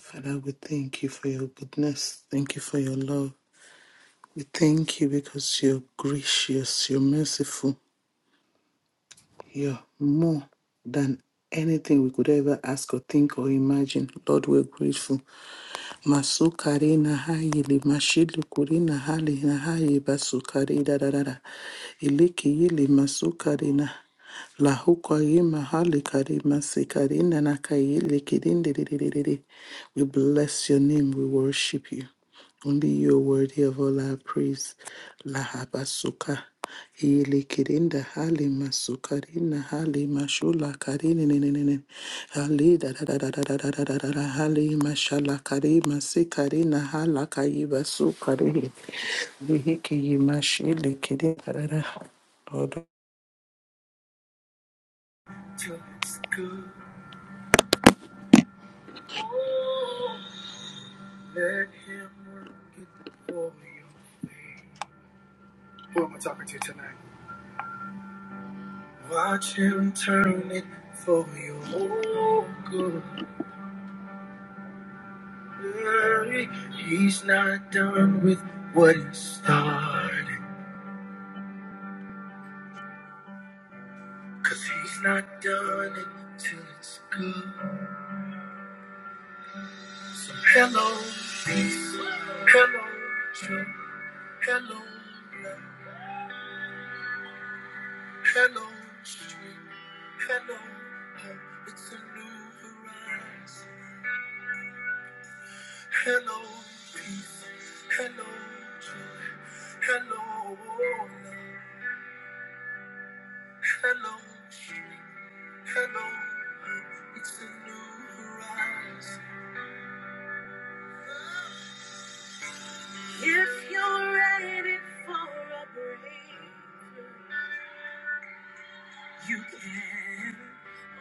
Father, we thank you for your goodness. Thank you for your love. We thank you because you're gracious, you're merciful, you're more than anything we could ever ask or think or imagine. Lord, we're grateful. Masukari na hayi li mashilu kuri na hali na hayi basukari da da da da. Iliki yili masukari na Lahuka yima mahali kari masikari na nakai yili kirindi di di di di di. We bless your name. We worship you. Only you are worthy of all our praise. Lahabasuka. Hili kirinda hali masukarina hali mashula karini ninini. Hali da da da da da da da da da da da hali mashala karima sikarina hala kayiba sukari. Lihiki yimashili kirinda da da. da. till it's good. Let him work it for your faith. Who am I talking to tonight? Watch him turn it for your good. Hey, He's not done with what he started. Cause he's not done it till it's good. So hello, peace. Hello, joy. Hello, love. Hello, street. Hello, hope. It's a new horizon. Hello, peace. Hello, joy. Hello, love. Hello, street. Hello, hope. It's a new horizon. If you're ready for a breakthrough, you can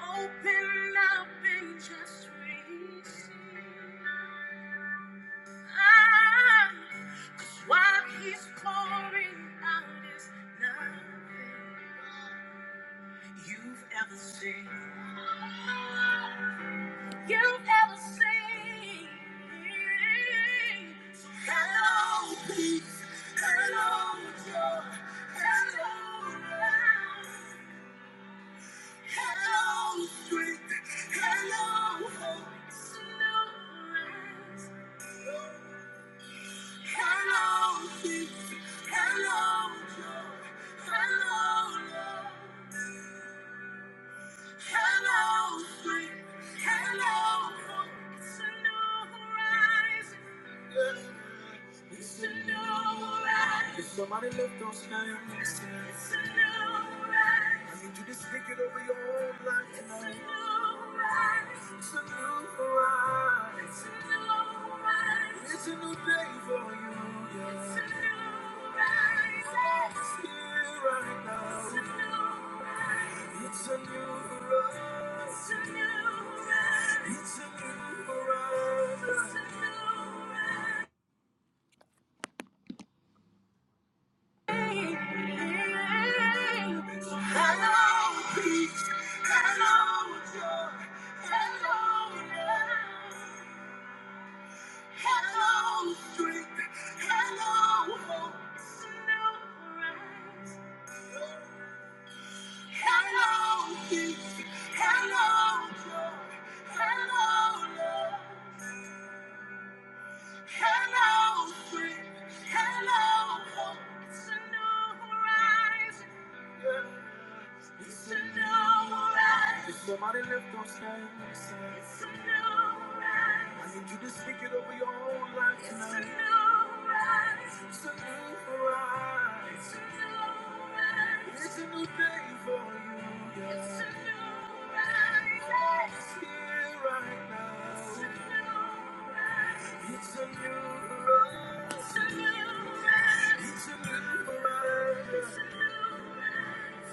open up and just receive. Cause what he's pouring out is nothing you've ever seen. You've ever seen. So hello, peace. Hello, joy. Hello, love. Hello, strength. Hello, hope. It's a new rise. Hello, peace. Hello, joy. Hello, love. Hello, strength. Hello, hope. It's a new horizon. It's a new horizon. Somebody lift those hands. It's a I need you to stick it over your whole life tonight. It's a new horizon. It's a new horizon. It's a new day for you. Yeah. It's a new horizon. Oh, it's here right now. It's a new horizon. It's a new horizon. It's a new horizon. It's a new horizon. Hello, peace. Hello, joy. Hello, love. Hello, strength. Hello, hope. Slow rise. Hello, peace. Hello, joy. Hello, love. Hello, strength. Hello, hope. It's a new life. If somebody lift those hands. It's a new life. I need you to speak it over your whole life it's tonight. A new life. It's a new rise. It's a rise. It's a new day for you. yeah. It's a new rise. Oh, It's here right now. It's a new rise. It's a new rise. It's a new rise. It's a new rise.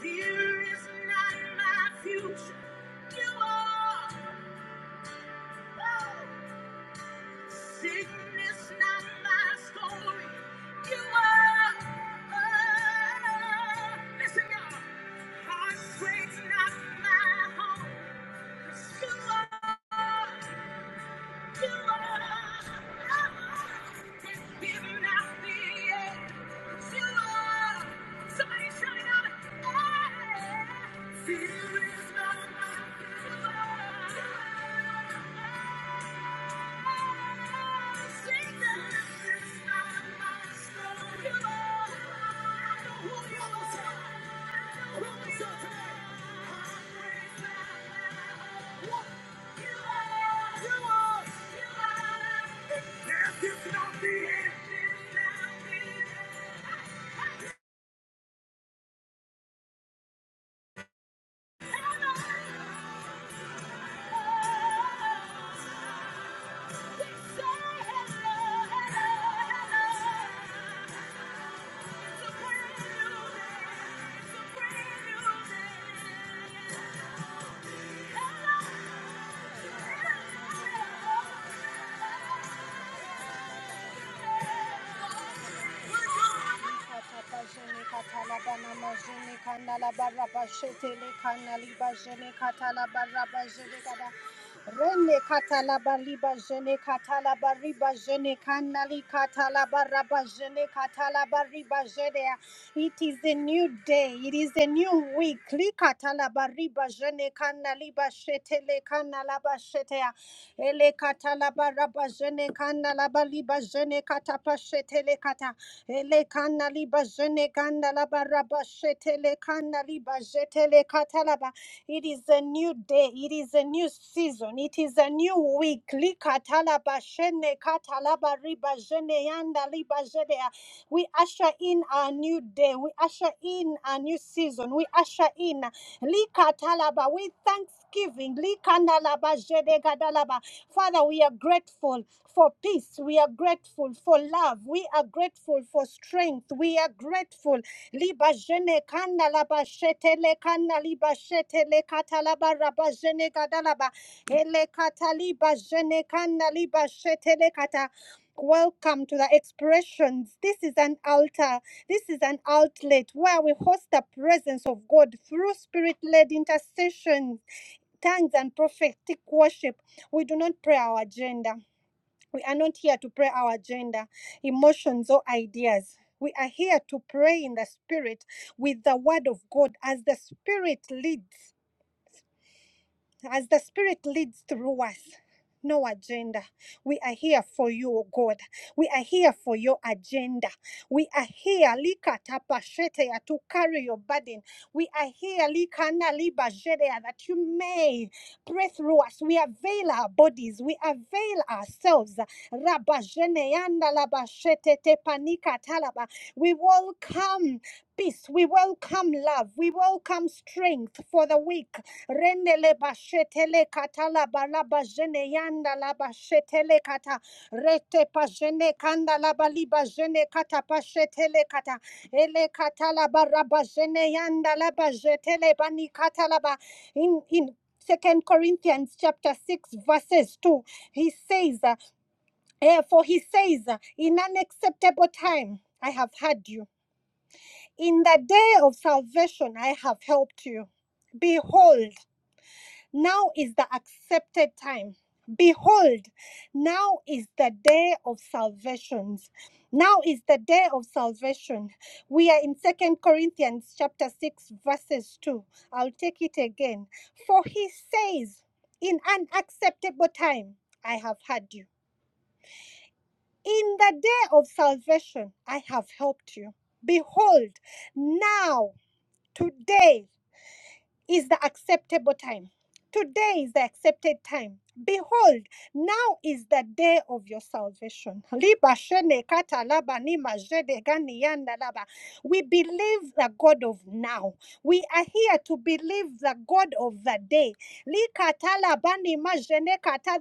Fear is not my future. You are. Oh. Sickness not my story. You are. Oh. Listen, y'all. Heartbreak's not my home. 'Cause you are. Thank you. are. Katapajene katalabana majene kanala barabajete le kanali bajene katala barra bajene kada Rene katalabariba jene katalabariba jene kanali katalabaraba jene katalabariba jene. It is a new day. It is a new week. Li katalabariba jene kanaliba shetele kanalaba shetea. Ele katalabaraba jene kanalabaliba jene katapa shetele kata. Ele kanali bajene kandala baraba kanali bajetele katalaba. It is a new day. It is a new season. It is a new week. Li katalaba shene katalaba riba jene yanda We usher in our new day. We usher in our new season. We we usher in Lika talaba with thanksgiving. Lika nalaba jedega dalaba. Father, we are grateful for peace. We are grateful for love. We are grateful for strength. We are grateful. Liba jene kana laba shetele kana liba shetele katalaba raba jene gadalaba. Ele kataliba jene kana liba shetele kata. Welcome to the expressions. This is an altar. This is an outlet where we host the presence of God through spirit led intercession, tongues and prophetic worship, we do not pray our agenda. We are not here to pray our agenda, emotions, or ideas. We are here to pray in the Spirit with the Word of God as the Spirit leads. As the Spirit leads through us, no agenda. We are here for you, O God. We are here for your agenda. We are here, Lika Tapashetea, to carry your burden. We are here, Likana Liba Jedea, that you may pray through us. We avail our bodies. We avail ourselves. Rabba Jeneanda Laba Shetete Panika Talaba. We welcome peace. We welcome love. We welcome strength for the weak. Rendele bashetele katala balaba jene yanda la bashetele kata. Rete pajene kanda la baliba jene kata pashetele kata. Ele katala baraba jene yanda la bajetele bani katala ba. In, in Second Corinthians chapter 6 verses 2 he says uh, eh, for he says uh, in an acceptable time I have heard you in the day of salvation I have helped you behold now is the accepted time. Behold, now is the day of salvations. Now is the day of salvation. We are in Second Corinthians chapter 6 verses 2. I'll take it again. For he says, in an acceptable time I have had you. In the day of salvation I have helped you. Behold, now today is the acceptable time. Today is the accepted time. Behold, now is the day of your salvation. We believe the God of now. We are here to believe the God of the day.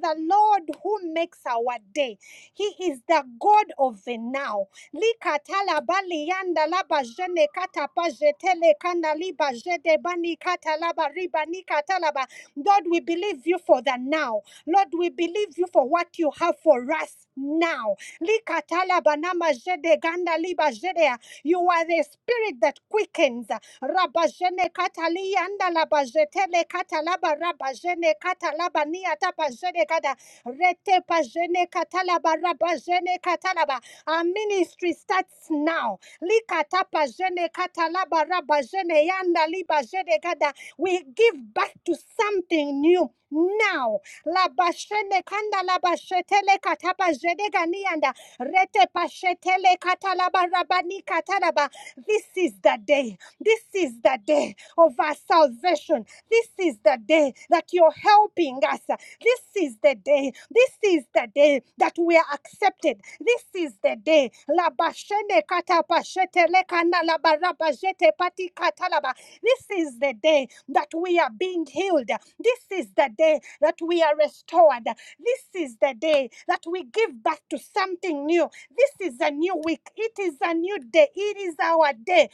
The Lord who makes our day. He is the God of the now likata la bali yanda la bajene kata pajetele kana liba jede bani kata laba riba ni kata laba. Lord, we believe you for the now. Lord, we believe you for what you have for us now. Likata la banama jede ganda liba jedea. You are the spirit that quickens. Rabajene katali yanda la bajetele kata laba rabajene kata laba ni atapa jede gada. Rete pajene katalaba rabajene katalaba. Our ministry starts now. Likatapa jene katalaba raba jene yanda liba jene gada. We give back to something new now. Labashene kanda labashetele katapa jene gani yanda. Rete pashetele katalaba rabani katalaba. This is the day. This is the day of our salvation. This is the day that you're helping us. This is the day. This is the day that we are accepted. This is the day. This is the day that we are being healed. This is the day that we are restored. This is the day that we give back to something new. This is a new week. It is a new day. It is our day.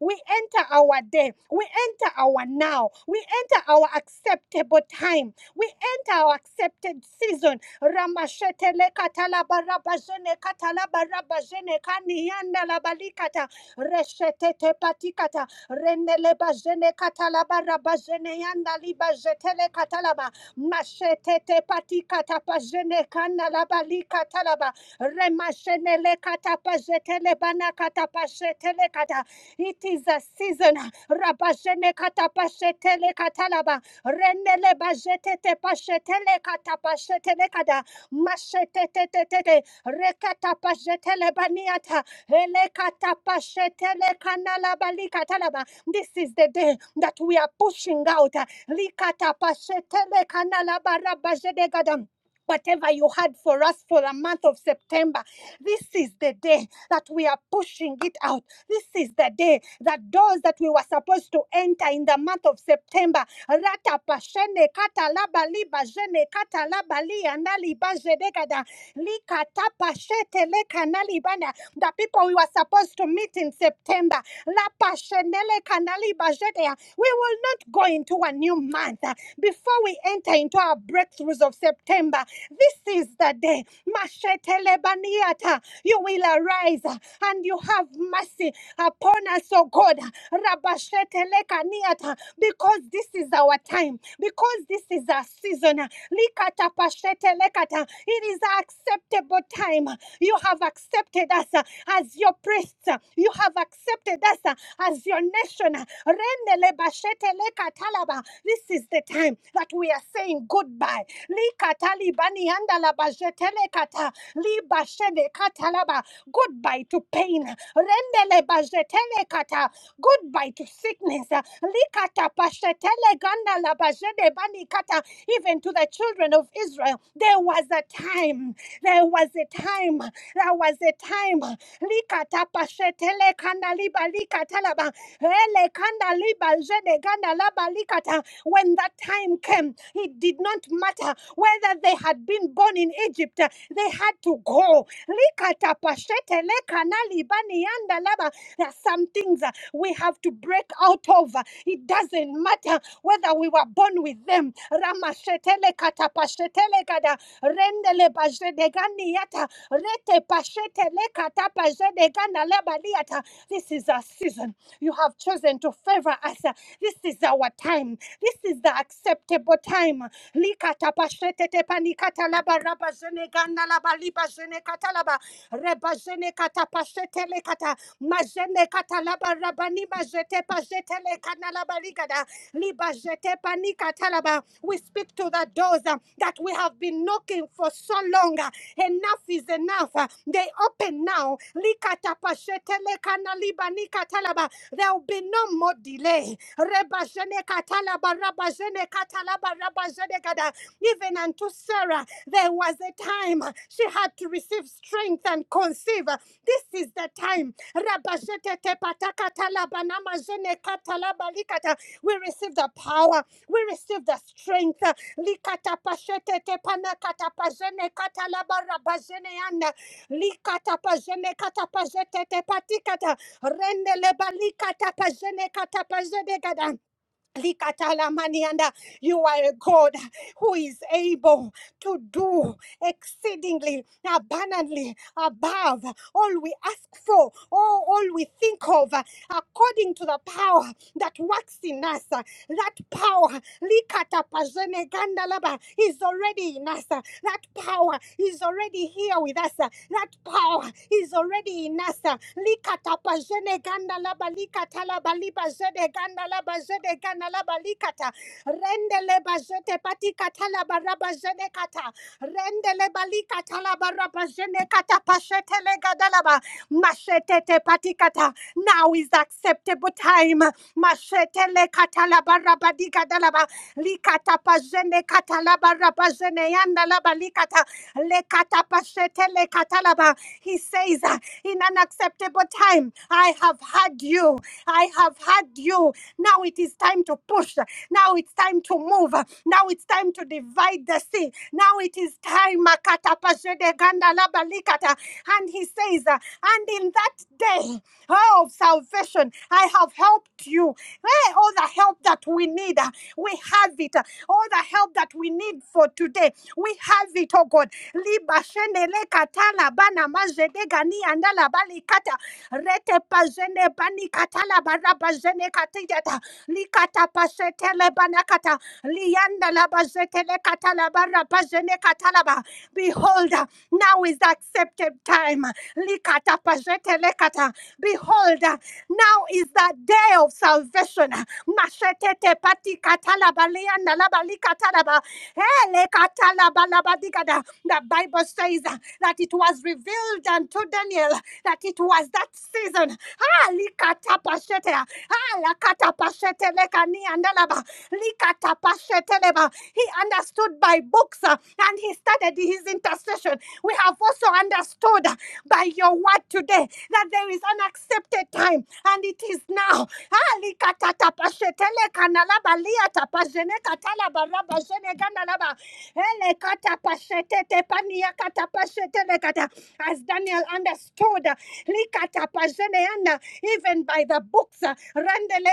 We enter our day. We enter our now. We enter our acceptable time. We enter our accepted season. Ramashetele katalaba rabajene katalaba rabajene kaniyanda labalikata reshetete patikata renele bajene katalaba rabajene yanda libajetele katalaba mashetete patikata pajene kana labalikatalaba remashenele kata pajetele bana kata pashetele kata it is a season. Rabashene katapashetele katalaba. Renele bajetete pashetele katapashetele kada. Mashetetetetete. Rekatapajetele baniata. Ele katapashetele kanalaba likatalaba. This is the day that we are pushing out. Likatapashetele kanalaba rabajede gadam. Whatever you had for us for the month of September, this is the day that we are pushing it out. This is the day that doors that we were supposed to enter in the month of September, Rata Pashene Katalaba Liba Jene Katalaba Liandali Likatapashete lekanalibana, the people we were supposed to meet in September. La Lapashenele kanalibajetea. We will not go into a new month uh, before we enter into our breakthroughs of September. This is the day. Mashetelebaniata. You will arise uh, and you have mercy upon us, O God. Rabashetelekaniata. Because this is our time. Because this is our our season. Likata pashete lekata. It is our acceptable time. You have accepted us uh, as your priests. uh, You have accepted us uh, as your nation. Rendele bashete lekatalaba. This is the time that we are saying goodbye. Likata libani andala bashete lekata. Libashene katalaba. Goodbye to pain. Rendele bashete lekata. Goodbye to sickness. Likata pashetele ganda labajede bani kata. Even to the children of Israel, there was a time. There was a time. There was a time. Likata pashetele kanda liba likata laba. Ele kanda liba jede ganda laba likata. When that time came, it did not matter whether they had been born in Egypt. They had to go. Likata pashetele kana liba niyanda Mandalaba. There are some things uh, we have to break out of. Uh, It doesn't matter whether we were born with them. Ramashetele katapashetele gada rendele bajedegani yata rete pashetele katapashedegana labaliata. This is our season. You have chosen to favor us. This is our time. This is the acceptable time. Likatapashetete panikata labarabashenegana libazene katalaba rebazene katapashetele kata mazene katalaba rabani mazete pazetele kanalaba ligada libazete panikatalaba we speak to the doors uh, that we have been knocking for so long uh, enough is enough uh, they open now likatapashetele kanalibani katalaba there will be no more delay rebazene katalaba rabazene katalaba rabazene kada uh, even unto Sarah, there was a time uh, she had to receive strength and conceive. Uh, This is the time. We receive the power, we receive the strength. Uh, Likata Likatalamanianda, You are a God who is able to do exceedingly abundantly above all we ask for, all, all we think of, uh, according to the power that works in us. Uh, That power likatapazenegandalaba, is already in us. Uh, That power is already here with us. Uh, That power is already in us. Uh, likatapazenegandalaba, baliba zede ganda laba zede ganda laba likata. Rendele bazete patikata laba raba zede kata. Rendele balikata laba raba zede kata pashete le gada laba. Mashete te patikata. Now is acceptable time. Mashete le kata laba raba di gada laba. Likata pazene kata laba raba zene yanda laba likata. Le kata pashete le kata laba. He says uh, in an acceptable time time. I have had you. I have had you. Now it is time to push. Now it's time to move. Now it's time to divide the sea. Now it is time. Makata pashede ganda laba likata. And he says, uh, and in that day oh, of salvation, I have helped you. Hey, all the help that we need, uh, we have it. All the help that we need for today, we have it, oh God. Liba shende le katala bana zede gani andala bali kata rete pazene bani katala baraba zene katijata likata pasete le banakata lianda la bazete le katala baraba zene katalaba behold now is the accepted time likata pasete le kata behold now is the day of salvation mashetete pati katala balianda la bali hele katala balaba digada Bible says uh, that it was revealed unto Daniel that it was that season. Ah, likatapashete, ah, lakatapashete lekani andalaba, likatapashete leba. He understood by books uh, and he started his intercession. We have also understood uh, by your word today that there is an accepted time and it is now. Ah, likatapashete lekanalaba, liatapashene katalaba, rabashene gandalaba. Ele kata pashete te pania kata pashete le kata. As Daniel understood, uh, li kata pashene ana, even by the books, uh,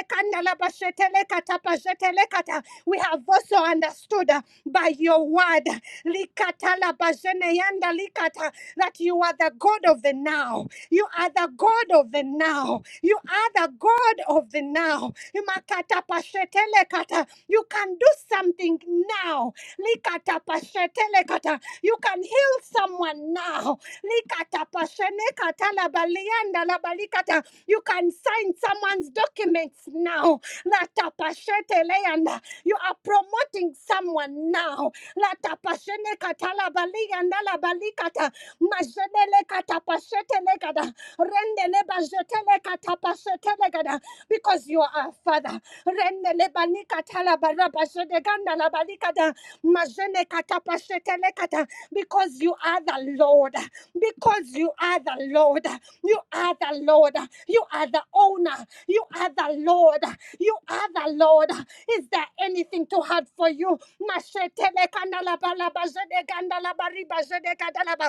kanda la pashete le kata pashete le kata. we have also understood uh, by your word li kata la pashene yanda li kata, that you are the God of the now. You are the God of the now. You are the God of the now. Imakata pashetele kata. You can do something now. Likata pashete lekata. You can heal someone now. Likata pashene kata labalianda labalikata. You can sign someone's documents now. Lata pashete leanda. You are promoting someone now. Lata pashene kata labalianda labalikata. Majenele kata pashete lekata. Rendele bajetele kata pashete lekata. Because you are a father. Rendele balika talabarra bashede ganda la balikada. Majene kata pashetele kata. Because you are the Lord. Because you are the Lord. You are the Lord. You are the owner. You are the Lord. You are the Lord. Is there anything too hard for you? Mashetele kanda la bala bashede ganda la bari bashede ganda la ba.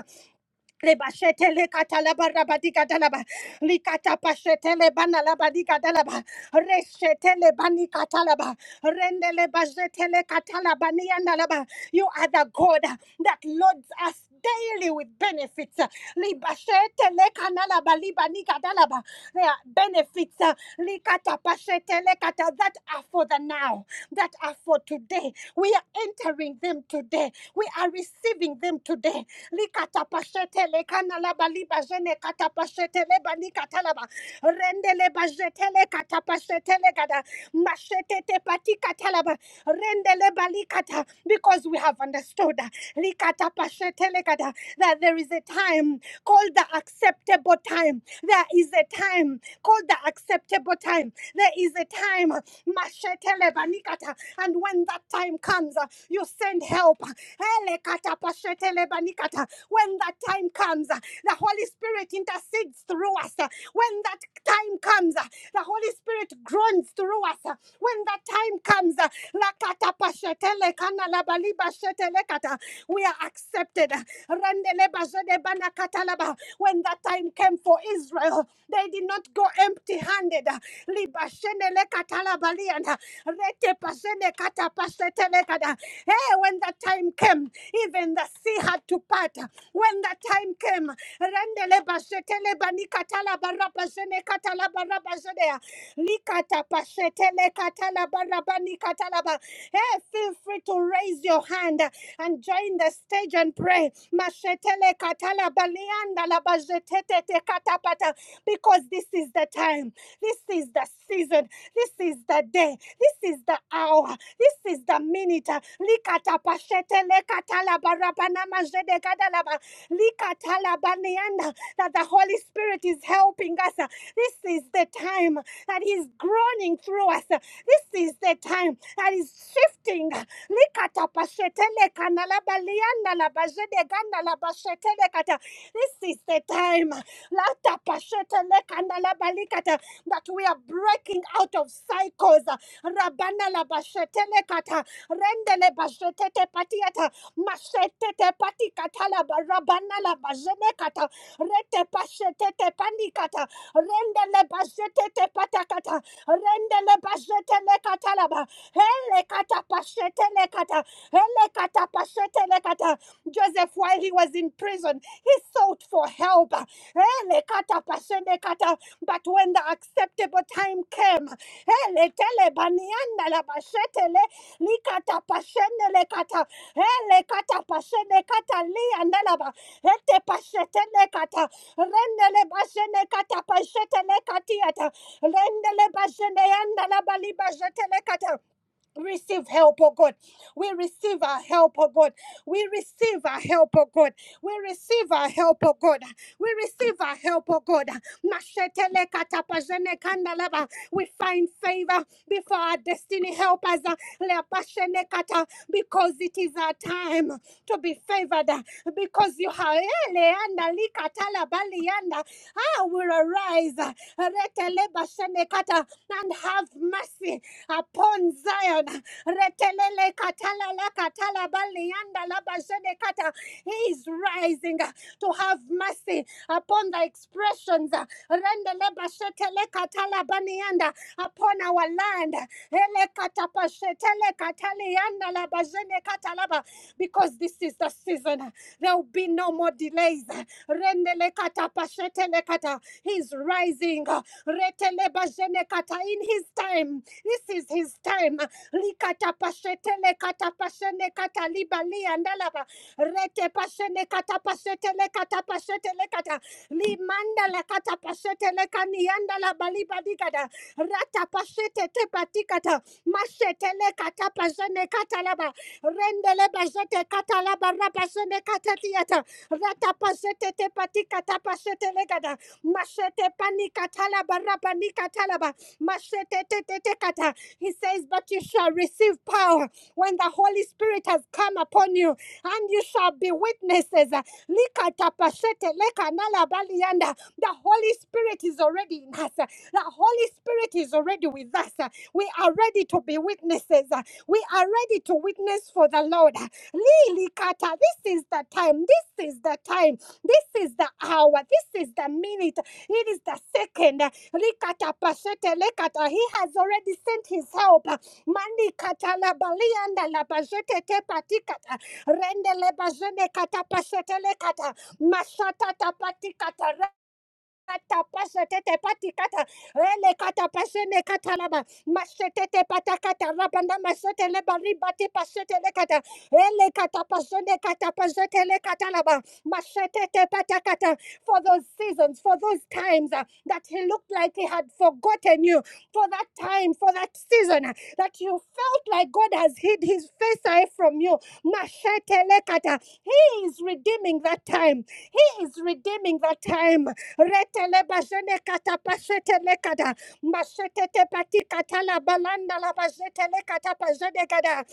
Lebashetele katalaba rabadi katalaba. Likata pashetele bana labadi katalaba. Reshetele bani katalaba. Rendele bazetele katalaba niyanalaba. You are the God that loads us daily with benefits. Libashetele kanalaba libani katalaba. There are benefits. uh, Likata pashetele kata that are for the now, that are for today. We are entering them today. We are receiving them today likatapashete lekana laba liba jene katapashete leba nikatalaba rendele bazetele katapasetele gada masetete patikatalaba rendele balikata because we have understood uh, likata likatapasetele gada that there is a time called the acceptable time there is a time called the acceptable time there is a time uh, mashetele banikata and when that time comes uh, you send help Ele katapasetele banikata When when that time comes, uh, the Holy Spirit intercedes through us. uh, When that time comes, uh, the Holy Spirit groans through us. uh, When that time comes, uh, we are accepted. When that time came for Israel, they did not go empty handed. Hey, when the time came, even the sea had to part. When the time came, Randele Bashetele Banikatala Barabashene Katala Barabashene Likata Pashetele Katala Barabani Hey, feel free to raise your hand and join the stage and pray. Mashetele Katala Balianda Labajetete Katapata. Because this is the time. This is the season season. This is the day. This is the hour. This is the minute. Likata pashete lekata la barabana majede gadalaba. Likata la banianda. That the Holy Spirit is helping us. This is the time that He's groaning through us. This is the time that is shifting. Likata pashete lekana la balianda la bajede ganda la bashete lekata. This is the time. Lata pashete lekana labalikata, that we are breaking out of cycles. Rabana la bashete lekata, rendele bashete te patiata, mashete te patikata la ba- rabana la bajene kata, rete pashete te panikata, rendele bashete te patakata, rendele bashete lekata laba, hele kata pashete lekata, hele kata pashete lekata. Elekata. Joseph, while he was in prison, he sought for help. Elekata pashenekata. But when the acceptable time came, eletele banianda la bashetele, likata pashenelekata, elekata pashenekata liandalaba, ete pashetelekata, rendele bashenekata pashetelekatiata, rendele basheneanda la bali baliba receive help, oh God. We receive our help, oh God. We receive our help, oh God. We receive our help, oh God. We receive our help, oh God. Mashetele katapajene kandalaba. We find favor before our destiny help us. uh, leapashene kata, Because it is our time to be favored. uh, Because you have leanda likatala balianda. I will arise uh, retele bashenekata, and have mercy upon Zion. Retelele katala la katala balianda la He is rising uh, to have mercy upon the expressions. uh, Rendele bashetele katala banianda upon our land. Elekatapashetelekataliandalabazenekatalaba. Because this is the season. There will be no more delays. Rendelekatapashetelekata. He's rising. Retelebazenekata. In his time. This is his time. Likatapashetelekatapashenekatalibaliandalaba. Retepashenekatapashetelekatapashetelekata. Limanda la kata pashete le kanianda la bali baliba Rata pasete te patikata. Masetele kata pasene katalaba. Rendele basete katalaba rabasene katatiata. Rata pasete te patikata pasete legada. Masete panikatala baraba nikatalaba. Masete te te te kata. He says, But you shall receive power when the Holy Spirit has come upon you, and you shall be witnesses. Likatapashete lekanalabalianda. The Holy Spirit is already in us. The Holy Spirit is already with us. We are ready ready to be witnesses. Uh, We are ready to witness for the Lord. Uh, Lily Kata, this is the time. This is the time. This is the hour. This is the minute. It is the second. Uh, Likata Pashete Lekata. He has already sent his help. Uh, Mani Kata Labalianda Labajete Tepatikata. Rende Lebajene Kata Pashete Lekata. Mashata Tapatikata. Katapasete patikata, ele katapasene katalaba, masete patakata, rabanda masete le baribate pasete le kata, ele katapasene katapasete le katalaba, masete patakata. For those seasons, for those times uh, that he looked like he had forgotten you, for that time, for that season uh, that you felt like God has hid his face away from you, masete le kata. He is redeeming that time. He is redeeming that time. Retele bajene kata pasete le kada. Machete te pati kata la balanda la bajete le kata pajene kada.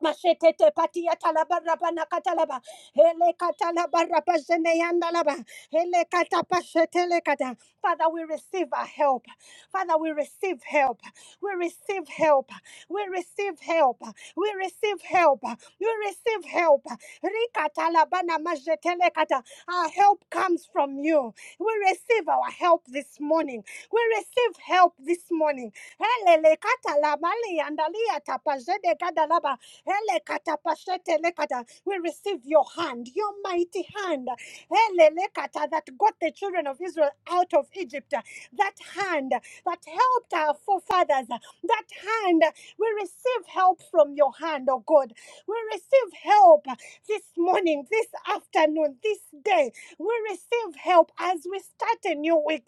Machete te pati yata la barabana kata la ba. Hele katala baraba jene laba. Hele katapa shetele kata. Father, we receive our help. Father, we receive help. We receive help. We receive help. We receive help. We receive help. Rikata labana majetele kata. Our help comes from you. We receive our help this morning. We receive help this morning. Hele kata labali andalia tapajede kada laba. Hele kata pashete lekata. We receive give your hand, your mighty hand, Helelekata, that got the children of Israel out of Egypt, that hand that helped our forefathers, that hand. We receive help from your hand, oh God. We receive help this morning, this afternoon, this day. We receive help as we start a new week.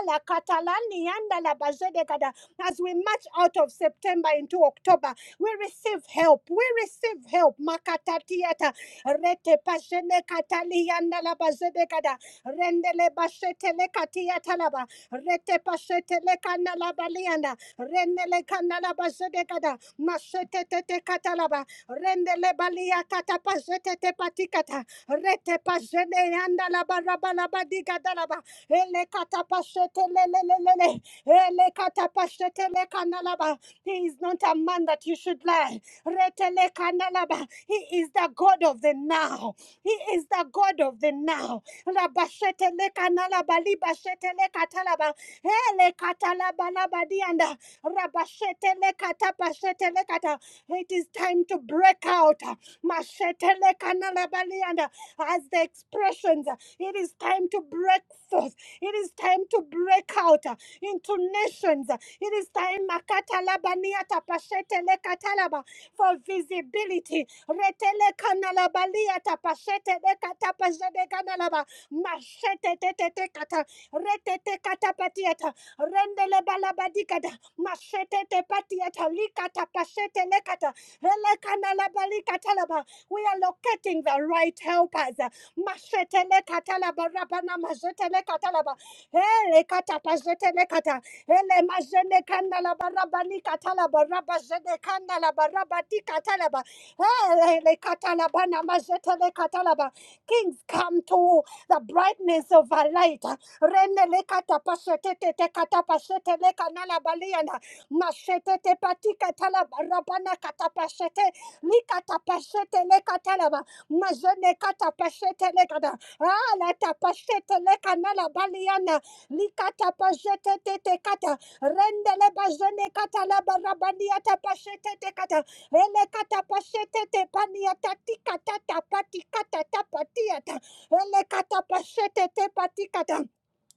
Ala katalani yanda la bajede gada. As we march out of September into October, we receive help. We receive help. Makatatiata rete pashene katalianda la bazedekada rendele bashete le katia talaba rete pashete le kana la balianda rendele kana la bazedekada mashete tete katalaba rendele balia kata pashete te patikata rete pashene yanda la baraba la badika dalaba ele kata pashete le le le le le. Elekatapashetelekanalaba. He is not a man that you should lie. Retelekanalaba. He is the God of the now. He is the God of the now. Rabashetelekanalaba, libashetelekanalaba. Elekatalabalabadianda. Mashetelekata, pashetelekata. It is time to break out. Mashetelekanalabalianda. As the expressions, it is time to break forth. It is time to break out into nations. It is time makatalabaniata, pashetelekatalaba, for visibility. Retelekanalabaliata, pashetelekata, pashetekanalaba. Mashetetetetekata, retetekatapatiata, rendelebalabadikata. Mashete te patiata likata pashete lekata relekana labalikata laba. We are locating the right helpers. Mashete lekata laba rabana majete lekata laba. Hele kata pashete lekata. Hele majene kanda laba rabani kata laba rabajene kanda laba rabati kata laba. Hele lekata labana majete lekata laba. Kings come to the brightness of our light. Rene le kata pasete te te kata pasete le kanala baliana. Masete te pati katala barabana kata pasete. Li kata pasete le katala ba. Mazene kata pasete le kata. Ah la ta pasete le kanala baliana. Li kata pasete te te kata. Rende le bazene kata la barabani ata pasete te kata. Ele kata pasete te pani ata ti kata ta pati kata ta Ele kata pasete te pati kata.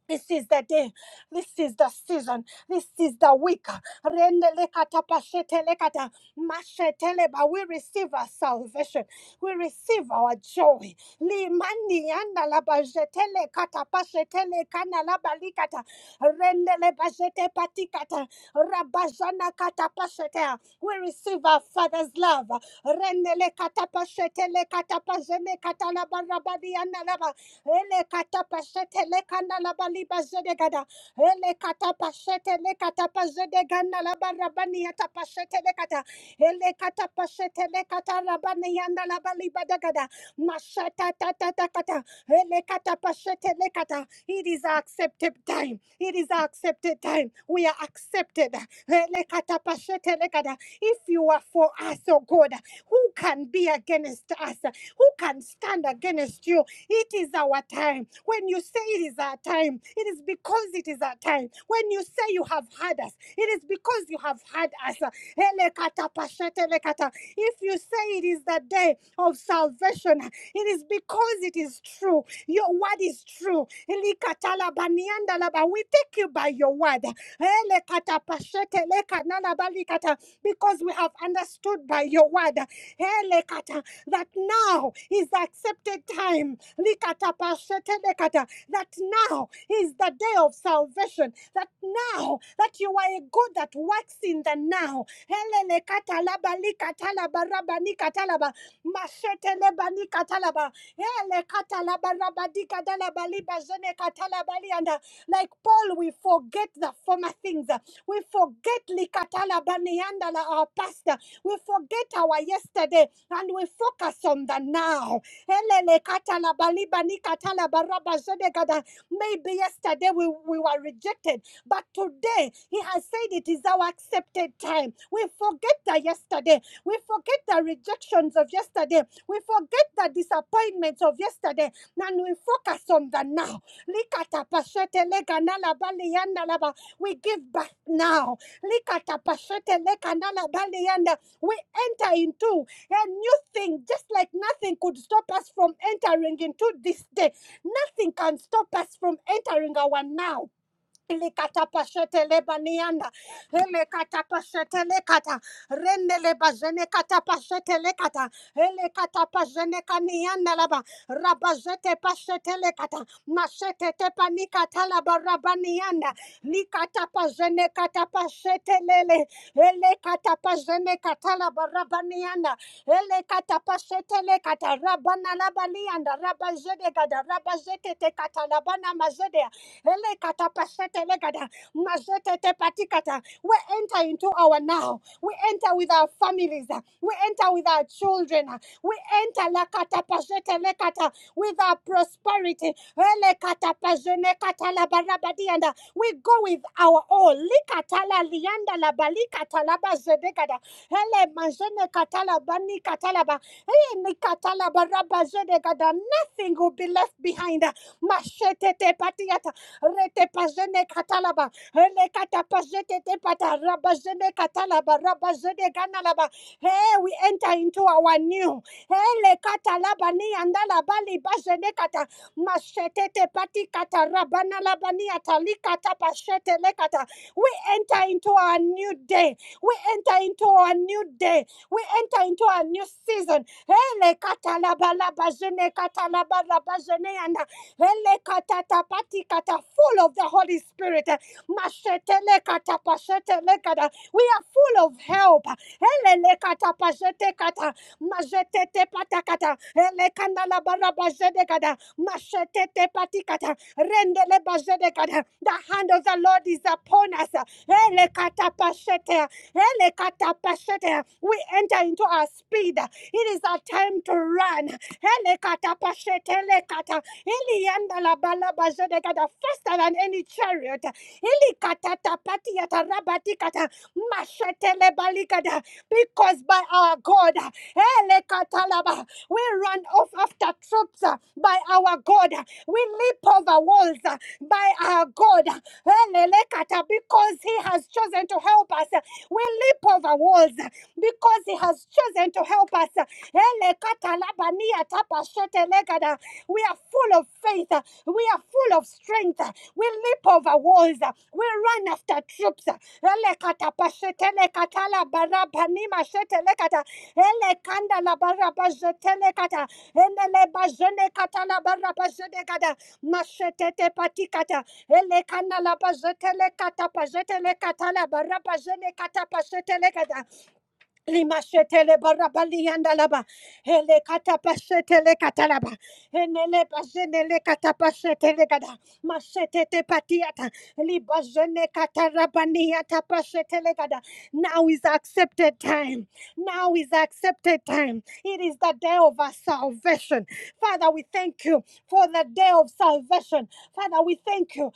This is the day. This is the season. This is the week. Rendelekata pashetelekata masheteleba. We receive our salvation. We receive our joy. Limani yanda laba jetelekata pashetelekana laba likata. Rendeleba jetepatikata. Rabajana kata pashete. We receive our Father's love. Rendelekata pashetelekata pajenekata laba rabadiana laba. Ele katapashete le kanda la bali baliba zedegada. Ele katapashete le katapazedeganda la barabani yatapashete le kata. Ele katapashete le katarabani yanda la baliba dagada. Mashata tata takata. Ele katapashete le kata. It is our accepted time. It is our accepted time. We are accepted. Ele katapashete le kata. If you are for us, oh God, who can be against us? Who can stand against you? It is our time. When you say it is our time, it is because it is our time. When you say you have heard us, it is because you have heard us. If you say it is the day of salvation, it is because it is true. Your word is true. Niandalaba. We take you by your word. Elekata pashete leka nanabalikata. Because we have understood by your word elekata, that now is the accepted time. Likata pashete lekata, That now is the day of salvation. That now that you are a God that works in the now. Hele lekata laba likata Mashete leba nikata Ele katalabarabadik katalabaliba jene katalabali. And uh, like Paul, we forget the former things. We forget likatalabanianda la- our past. We forget our yesterday and we focus on the now. Elele katalabaliba nikatalabaraba jene kada. Maybe yesterday we, we were rejected, but today he has said it is our accepted time. We forget the yesterday. We forget the rejections of yesterday we forget the disappointments of yesterday and we focus on the now. We give back now. We enter into a new thing, just like nothing could stop us from entering into this day. Nothing can stop us from entering our now. Ili kata Likatapashete lebanianda, hele katapashete lekata, rende lebazene katapashete lekata, hele katapazene kanianda laba, rabazete pashete lekata, mashete tepanika laba rabanianda, Li kata likatapazene katapashete lele, hele katapazene laba rabanianda, hele katapashete lekata, rabana laba lianda, rabazede gada, rabazete tekata labana mazede Elekata pashete legada. Majete te patikata. We enter into our now. We enter with our families. uh, We enter with our children. uh, We enter lakata pashete lekata with our prosperity. Elekata pajene kata la barabadi and, uh, We go with our all. Likata lianda la balikata la bazedegada. Hele majene kata la bani kata la ba. Hey, nikata la barabazedegada. Nothing will be left behind. uh, Mashete te patiata rete pazene katalaba, hele kata pazete rabazene katalaba, rabazene ganalaba. Hey, we enter into our new. Hele katalaba ni andalaba libazene kata, mashete te kata, rabana labani atali kata pashete le We enter into our new day. We enter into our new day. We enter into a new season. Hele katalaba labazene katalaba rabazene anda. Elekatatapatikata, Full of the Holy Spirit. Mashetelekatapashetelekata, We are full of help. Helelekatapashetekata, mazetete patakata, elekana la baraba zedekada, masetete patikata, rendele baje de kada. The hand of the Lord is upon us. Elekata pasete, elekata pashete. We enter into our speed. It is our time to run. Elekata pasete, elekata. Elianda la bala Bazedekata, faster than any chariot. Ilikatata patiata rabatikata mashetele balikata. Because by our God, elekatalaba, we run off after troops uh, by our God. We leap over walls uh, by our God. Elelekata, Because He has chosen to help us. We leap over walls uh, because He has chosen to help us. uh. Ele We are full of faith. uh, We are full of strength. uh, We leap over walls. uh, We run after troops. uh. Ele kata pa Ele kana la pazete le kata pazete le kata la barra pazele kata pazete le kata lima shete le barra bali yanda la ba ele kata pazete le kata la ba enele pazene le kata pazete le kata masete te patiata li bazene kata rabani yata pazete le kata now is accepted time. Now is accepted time. It is the day of our salvation. Father, we thank you for the day of salvation. Father, we thank you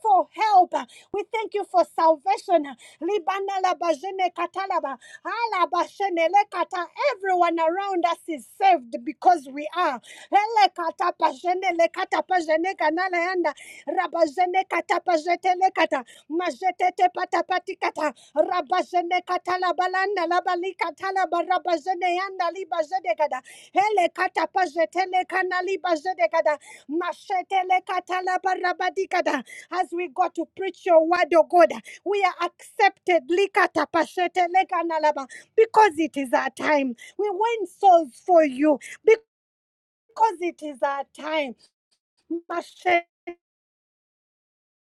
for help. We thank you for salvation. Libana laba jene katalaba, ala bashenele kata. Everyone around us is saved because we are. Ele kata pashenele kata pashene kanala yanda rabazene kata pazetele kata mazetete patapati kata rabazene kata la balanda la bali kata la barabazene yanda li bazede kata hele kata pazetele kana li bazede kata masetele kata la barabadi kata as we go to preach your word oh God we are accepted li kata pasetele kana laba because it is our time we win souls for you because it is our time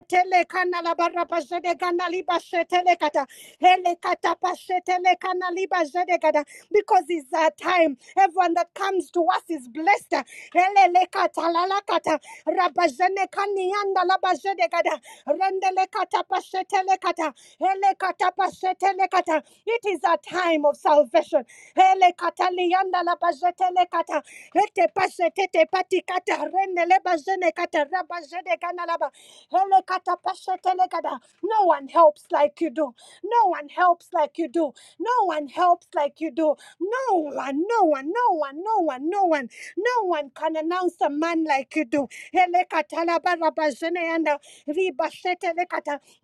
Tele kanala barra pasede kanali basetele kata hele kata pasetele kanali basede kata because it's our time. Everyone that comes to us is blessed. Hele le kata lala kata rabazene kanianda labazede kata rendele kata pasetele kata. Elekatapasetelekata. It is a time of salvation. Elekatalianda labazetelekata. Etepasetetepatikata. Renelebazenekata. Rabazedeganalaba. Elekatapasetelekata. No one helps like you do. No one helps like you do. No one helps like you do. No one, no one, no one, one, no one, no one, no one can announce a man like you do. Elekata la bara ba jene yanda,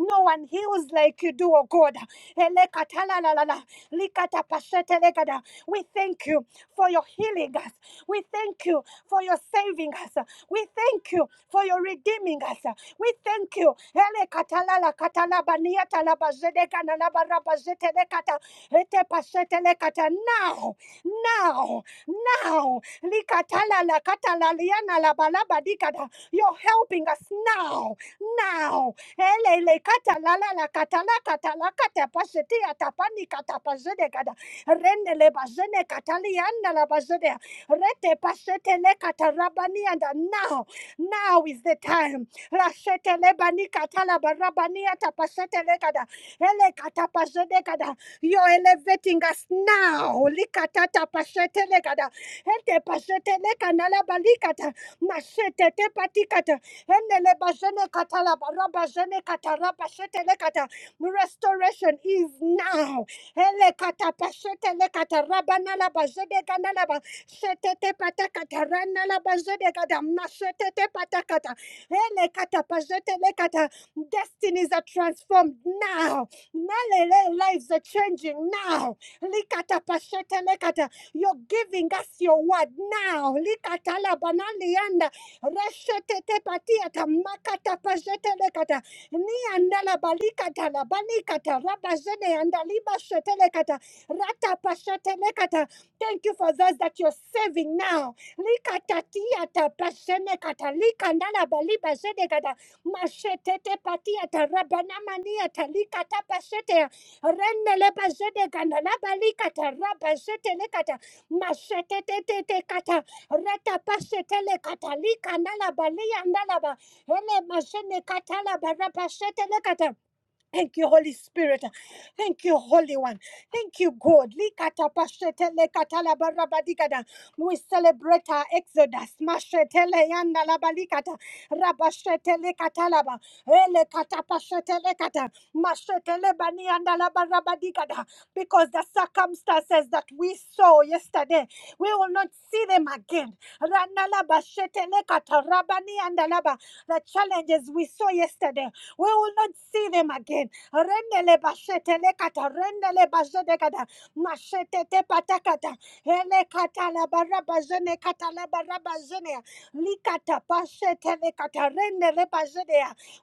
No one heals like you do, oh God. Elekata la la la la, likata pa We thank you for your healing us. We thank you for your saving us. We thank you for your redeeming us. We thank you. Ele katalala katalaba niata laba zedeka na laba raba zetele kata ete pasetele kata now now now li likatalala katalaliana laba laba dikata. You're helping us now now. Ele le katalala la la katala katala kata pasetia tapani kata pasedeka da rende le bazene kataliana la bazede rete pasetele kata rabani and now now is the time. Rasetele bani katala barabani atapasetele kada. Ele katapazede kada. You're elevating us now. Likatata pasetele kada. Ete pasetele kanala balikata. Masete te patikata. Enele bazene katala barabazene katara pasetele kata. Restoration is now. Ele katapasetele kata rabanala bazede kanala ba. Setete patakata ranala bazede kada. Masetete patakata. Hele kata pajete le kata. Destinies are transformed now. Nalele lives are changing now. Likata pashete le kata. You're giving us your word now. Likata la banali anda. Reshete te patiata makata pajete le kata. Ni andala balikata la banikata rabajene andaliba shete le kata. Rata pashete le kata. Thank you for those that you're saving now likatatiata prasenekata likandala balibazedekata mashetete patiata rabanamaniata likata pasetea renelebazedekana labalikata rabazetelekata masetetetetekata retapasetelekata likandala baliandalaba ele masenekatala barabasetelekata Thank you, Holy Spirit. Thank you, Holy One. Thank you, God. Likatapashetele katalabarabadigada. We celebrate our exodus. Mashetele yanda labalikata. Rabashetele katalaba. Ele katapashetele kata. Mashetele bani yanda labarabadigada. Because the circumstances that we saw yesterday, we will not see them again. Rana labashetele kata. Rabani yanda laba. The challenges we saw yesterday. We will not see them again. Rendele bashete lekata, rendele bashete kata, mashete te patakata, hele kata la baraba jene kata la baraba jene, likata pashete lekata, rendele bashete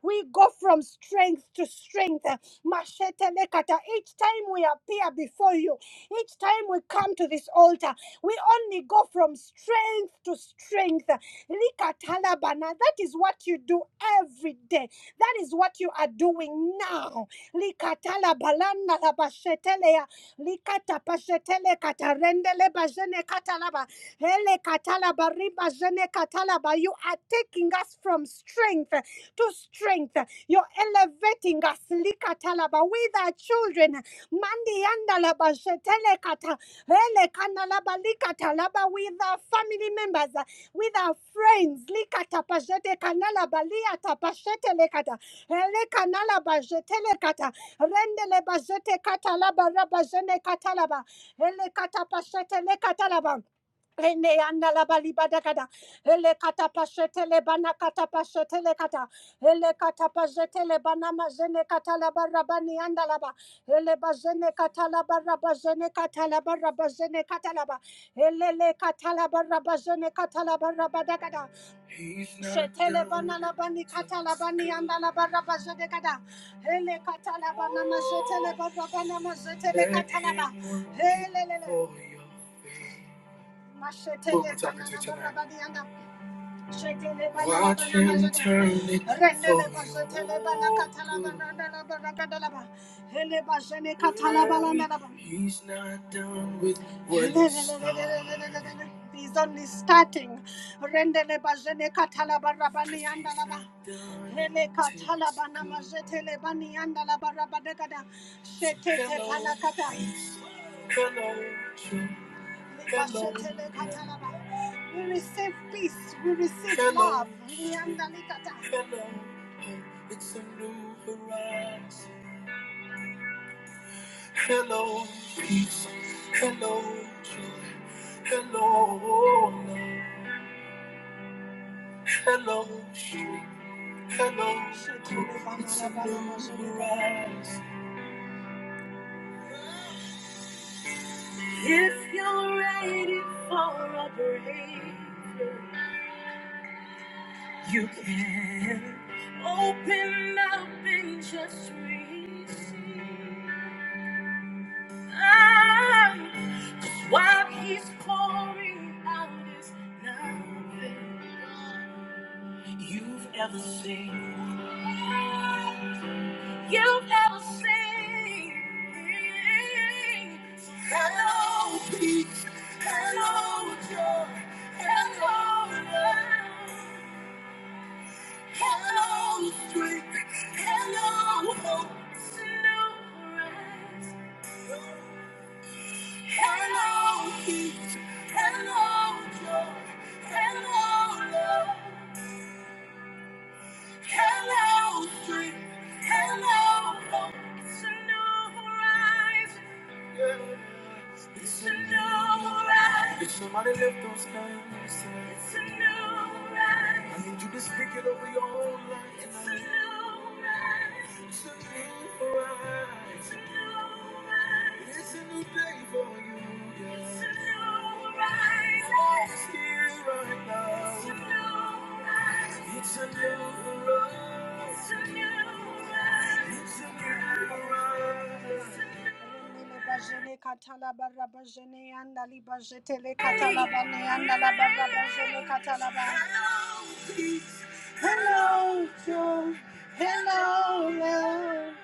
We go from strength to strength. Mashete lekata. Each time we appear before you, each time we come to this altar, we only go from strength to strength. Likatalabana. That is what you do every day. That is what you are doing now. Likatala balanda la bashetelea. Likata pashetele katarendele bajene katalaba. Hele katala bariba jene katalaba. You are taking us from strength to strength. You're elevating us. Likatalaba with our children. Mandi yanda la bashetele kata. Hele kanalaba likatalaba with our family members with our friends. Likata pajete kanala balia tapashete lekata. Hele kanala bajete lekata. Rendele bajete katalaba rabajene katalaba. Hele katapashete lekatalaba. Ene anda la bali bada Ele kata pashete le bana kata pashete le kata. Ele kata pashete le bana mazene kata la barra anda la ba. Ele bazene kata la barra kata la barra kata la ba. Ele le kata la barra kata la barra bada kada. He's not bana la bani kata la bani anda la barra bazene Ele kata la bana mazete le barra mazete le kata la ba. Ele le le. For your Watch him turn it for you. He's not done with what he started. He's only starting. Rendele bajene katala Cause barabani he's andalaba. not done Hele till katala it's bana done. majetele bani andalaba rabadegada. So Shetete panakata. Come on. We receive peace. We receive Hello. love. Riandalikata. Hello. It's a new horizon. Hello, peace. Hello, joy. Hello, love. Hello, strength. Hello, hope. It's a new horizon. If you're ready for a breakthrough. You can open up and just receive. Cause what he's pouring out is nothing you've ever seen. You've ever seen. So Hello, peace. Hello, joy. Hello, love. Hello, strength. Hello, hope. Slow rise. Hello, peace. Hello, joy. Hello, love. Hello, strength. Hello, hope. Slow rise. It's a new ride. If somebody lift those hands It's a new ride. I need you to speak it over your own life. It's a new ride. It's a new ride. It's a new day for you. yeah. It's a new ride. Oh, it's here right now. It's a new ride. Hello, joy. Hello, love.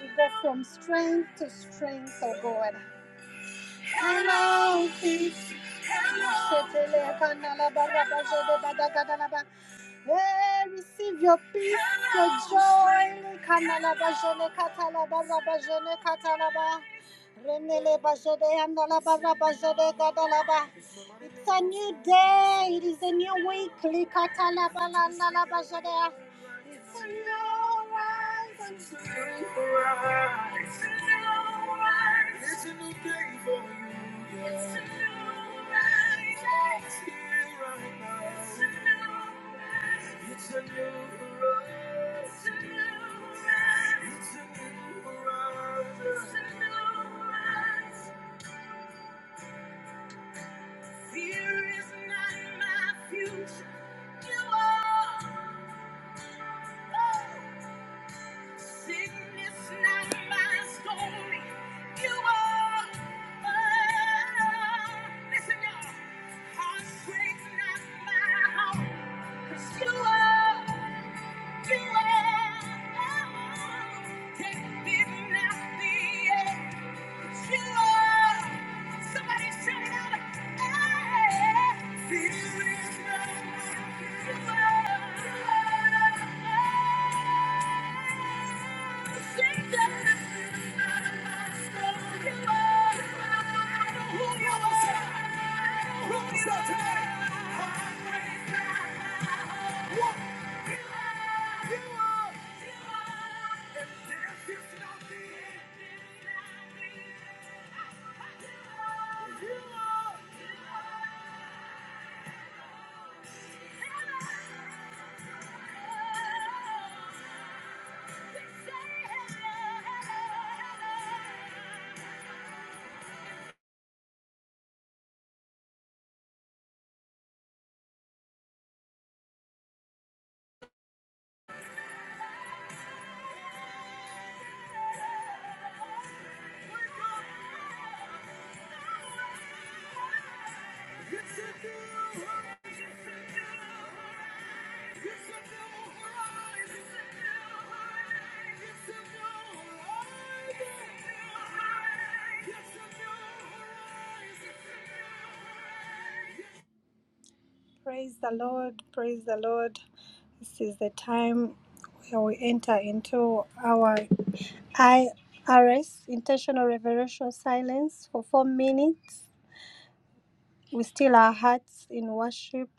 We go from strength to strength, oh God. Hello, peace. Hello. Shetele kanala baraba jede bada kadala ba. Hey, receive your peace, your joy. Kanala ba jene katala baraba jene katala ba. Renele ba jede andala baraba jede gadala ba. It's a new day. It is a new week. Likatala ba landala ba jede. It's It's It's It's It's a new rise. It's here right now. It's a a a a a a new new new new new new rise. rise. rise rise. rise. day for you. right here now. Fear is not my future. You are. Sickness not my story. You are. Oh, listen, y'all. Heartbreak not my home. 'Cause you are. You are. Death did not be it. 'Cause you are. Somebody shout it out. Hey, fear is not my story. You are. You are. You are, yes you should do, yes you should do. Praise the Lord, praise the Lord. This is the time where we enter into our IRS, intentional reverential silence, for four minutes. We still our hearts in worship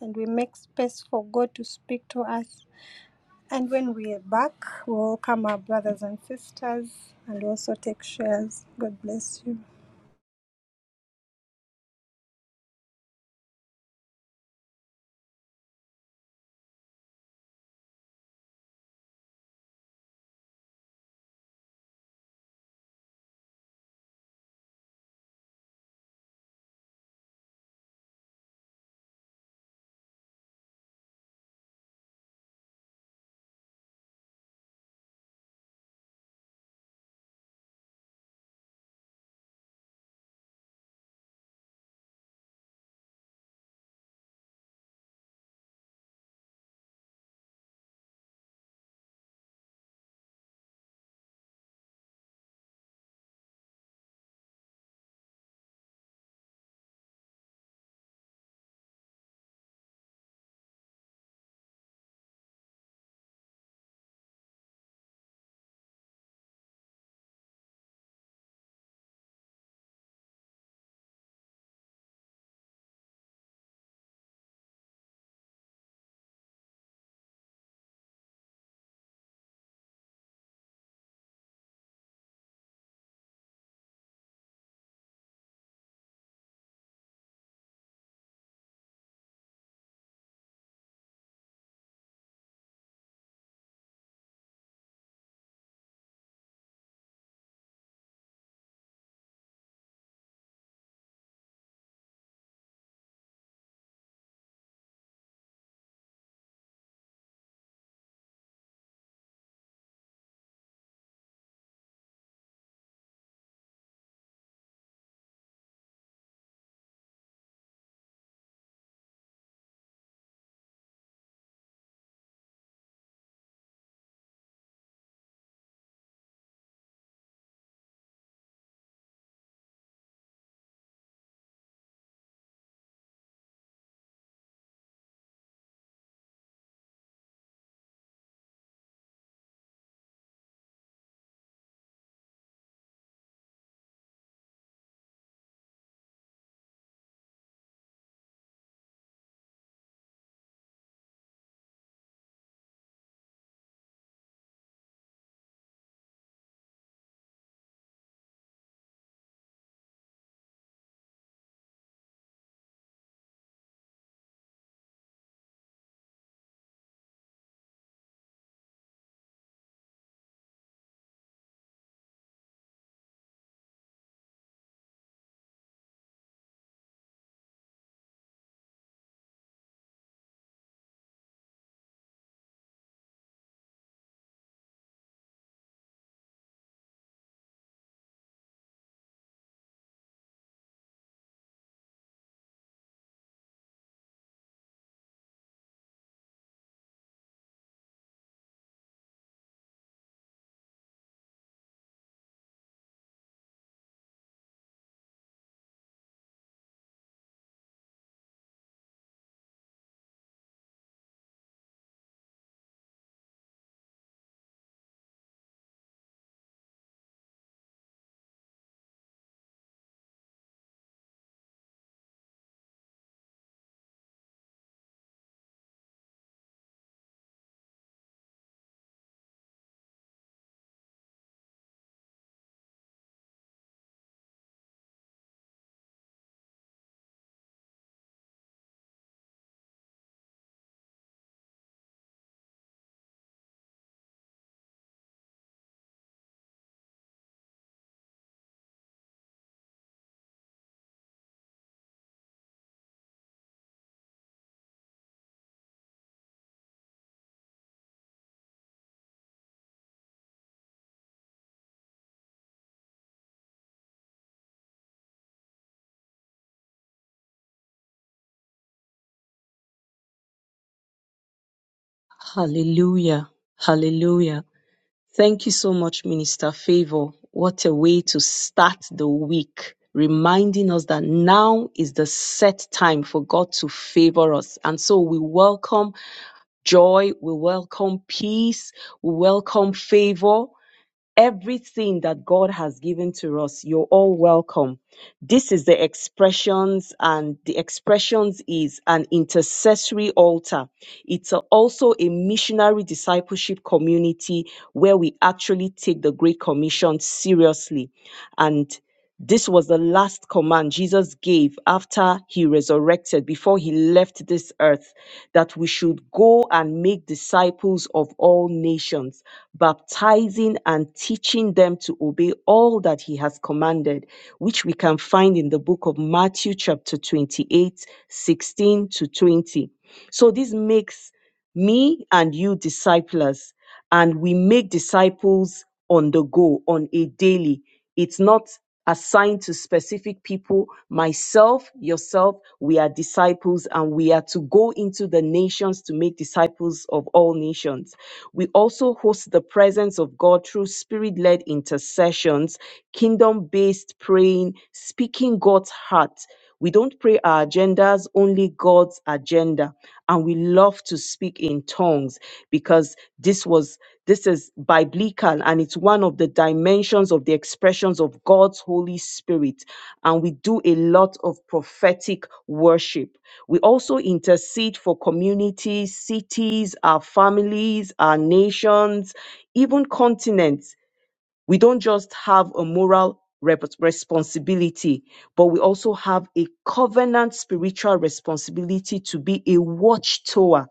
and we make space for God to speak to us. And when we are back, we will welcome our brothers and sisters and also take shares. God bless you. Hallelujah. Hallelujah. Thank you so much, Minister Favor. What a way to start the week, reminding us that now is the set time for God to favor us. And so we welcome joy, we welcome peace, we welcome favor everything that God has given to us, you're all welcome. This is the expressions, and the expressions is an intercessory altar. It's a- also a missionary discipleship community where we actually take the Great Commission seriously. And this was the last command Jesus gave after he resurrected, before he left this earth, that we should go and make disciples of all nations, baptizing and teaching them to obey all that he has commanded, which we can find in the book of Matthew, chapter 28, 16 to 20. So this makes me and you disciples and we make disciples on the go on a daily it's not assigned to specific people myself yourself we are disciples and we are to go into the nations to make disciples of all nations we also host the presence of god through spirit-led intercessions kingdom-based praying speaking god's heart we don't pray our agendas, only God's agenda. And we love to speak in tongues because this was this is biblical and it's one of the dimensions of the expressions of God's Holy Spirit. And we do a lot of prophetic worship. We also intercede for communities, cities, our families, our nations, even continents we don't just have a moral rep- responsibility, but we also have a covenant spiritual responsibility to be a watchtower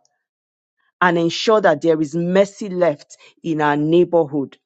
and ensure that there is mercy left in our neighborhood.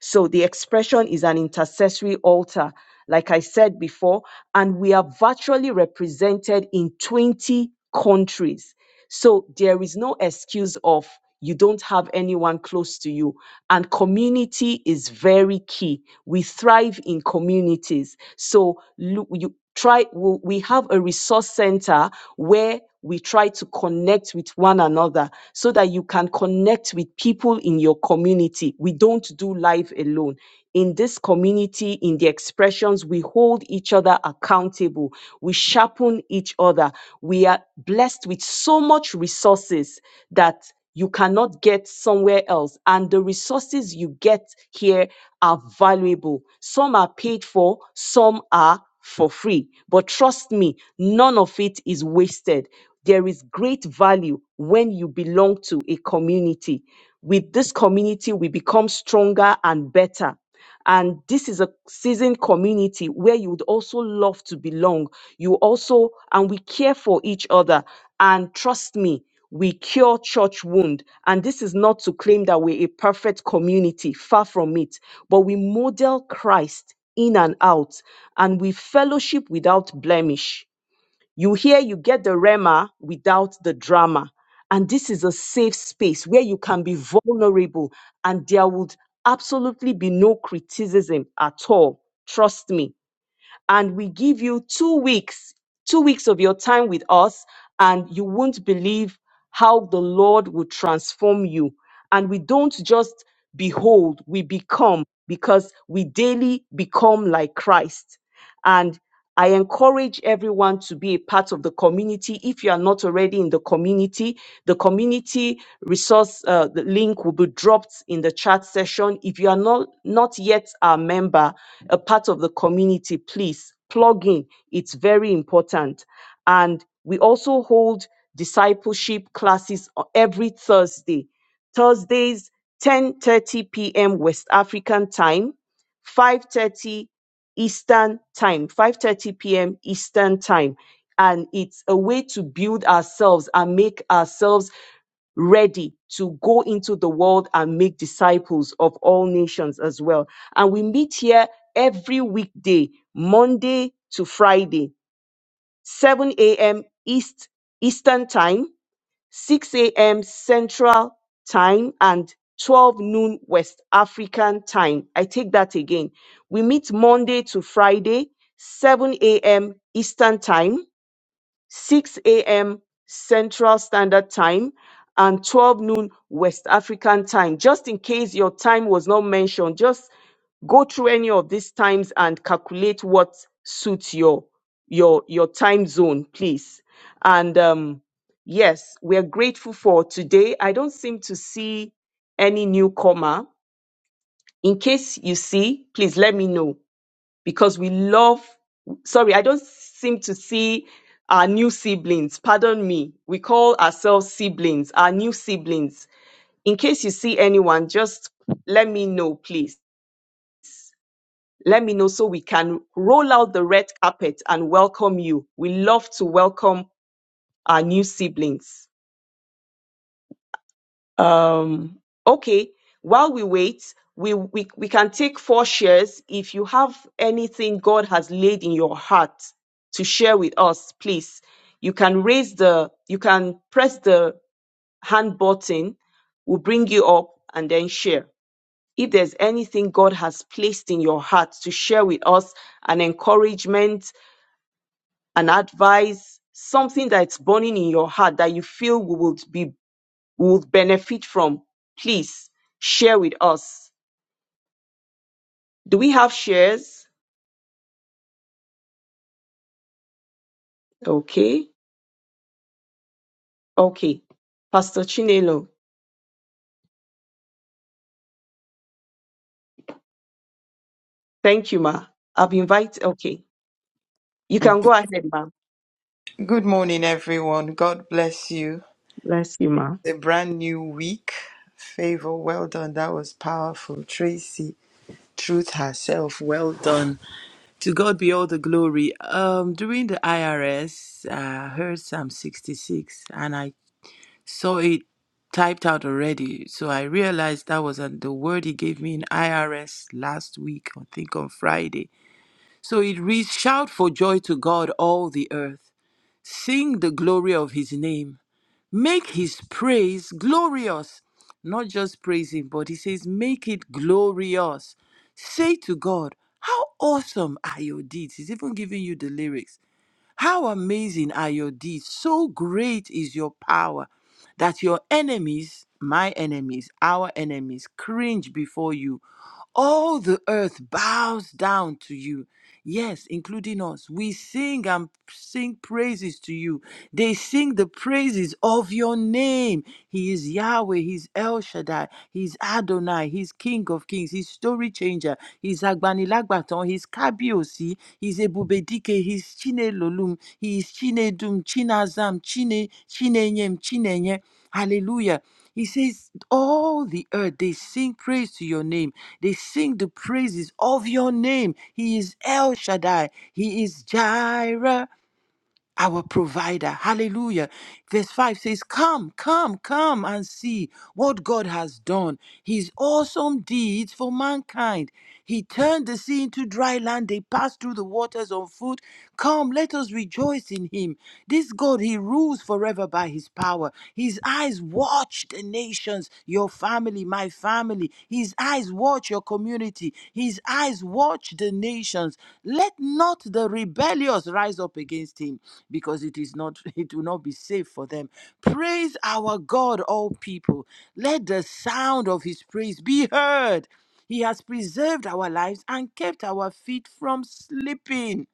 So the expression is an intercessory altar, like I said before, and we are virtually represented in 20 countries. So there is no excuse of you don't have anyone close to you. And community is very key. We thrive in communities. So lo- you try, we we have a resource center where we try to connect with one another so that you can connect with people in your community. We don't do life alone. In this community, in the expressions, we hold each other accountable. We sharpen each other. We are blessed with so much resources that you cannot get somewhere else. And the resources you get here are valuable. Some are paid for, some are for free. But trust me, none of it is wasted. There is great value when you belong to a community. With this community, we become stronger and better. And this is a seasoned community where you would also love to belong. You also, and we care for each other. And trust me, we cure church wound. And this is not to claim that we're a perfect community, far from it, but we model Christ in and out, and we fellowship without blemish. You hear, you get the rema without the drama. And this is a safe space where you can be vulnerable and there would absolutely be no criticism at all. Trust me and we give you two weeks, two weeks of your time with us, and you won't believe how the Lord will transform you. And we don't just behold, we become because we daily become like Christ. And I encourage everyone to be a part of the community. If you are not already in the community, the community resource uh, the link will be dropped in the chat session. If you are not, not yet a member, a part of the community, please plug in. It's very important. And we also hold discipleship classes o- every Thursday. Thursdays, 10:30 p.m. West African time, 5:30 Eastern Time, 5:30 p.m. Eastern Time. And it's a way to build ourselves and make ourselves ready to go into the world and make disciples of all nations as well. And we meet here every weekday, Monday to Friday, 7 a.m. East Eastern Time, 6 a.m. Central Time and 12 noon West African Time. I take that again. We meet Monday to Friday, 7 a.m. Eastern Time, 6 a.m. Central Standard Time and 12 noon West African Time. Just in case your time was not mentioned, just go through any of these times and calculate what suits your your your time zone, please. And um, yes, we are grateful for today. I don't seem to see any newcomer. In case you see, please let me know because we love sorry i don't seem to see our new siblings pardon me we call ourselves siblings our new siblings in case you see anyone just let me know please let me know so we can roll out the red carpet and welcome you we love to welcome our new siblings um okay while we wait we, we we can take four shares if you have anything god has laid in your heart to share with us please you can raise the you can press the hand button we'll bring you up and then share if there's anything god has placed in your heart to share with us an encouragement an advice something that's burning in your heart that you feel we will be would benefit from, please share with us. Do we have shares? Okay. Okay. Pastor Chinelo, thank you, ma. I've invited. Okay. You can go ahead, ma. Good morning, everyone. God bless you. Bless you, ma. A brand new week. Favor, well done. That was powerful. Tracy, truth herself, well done. To God be all the glory. Um, during the IRS, heard Psalm 66 and I saw it typed out already. So I realized that was uh, the word he gave me in IRS last week, I think on Friday. So it reads, Shout for joy to God, all the earth. Sing the glory of his name. Make his praise glorious. Not just praise him, but he says, make it glorious. Say to God, how awesome are your deeds. He's even giving you the lyrics. How amazing are your deeds! So great is your power that your enemies, my enemies, our enemies, cringe before you. All the earth bows down to you. Yes, including us. We sing and sing praises to you. They sing the praises of your name. He is Yahweh, He's El Shaddai, He's Adonai, He's King of Kings, He's story changer. He's Agbanilagbaton. He's Kabiosi. He's Ebubedike. He's Chinelolum. He is Chinedum, Chinazam, Chine, Chinenyem, Chinenye. Hallelujah. He says, All the earth, they sing praise to your name. They sing the praises of your name. He is El Shaddai. He is Jireh our provider. Hallelujah. Verse 5 says, Come, come, come and see what God has done, his awesome deeds for mankind. He turned the sea into dry land. They passed through the waters on foot. Come, let us rejoice in him. This God, he rules forever by his power. His eyes watch the nations, your family family, my family. His eyes watch your community. His eyes watch the nations. Let not the rebellious rise up against him, because it is not it will not be safe for them. Praise our God, all people. Let the sound of his praise be heard. He has preserved our lives and kept our feet from slipping.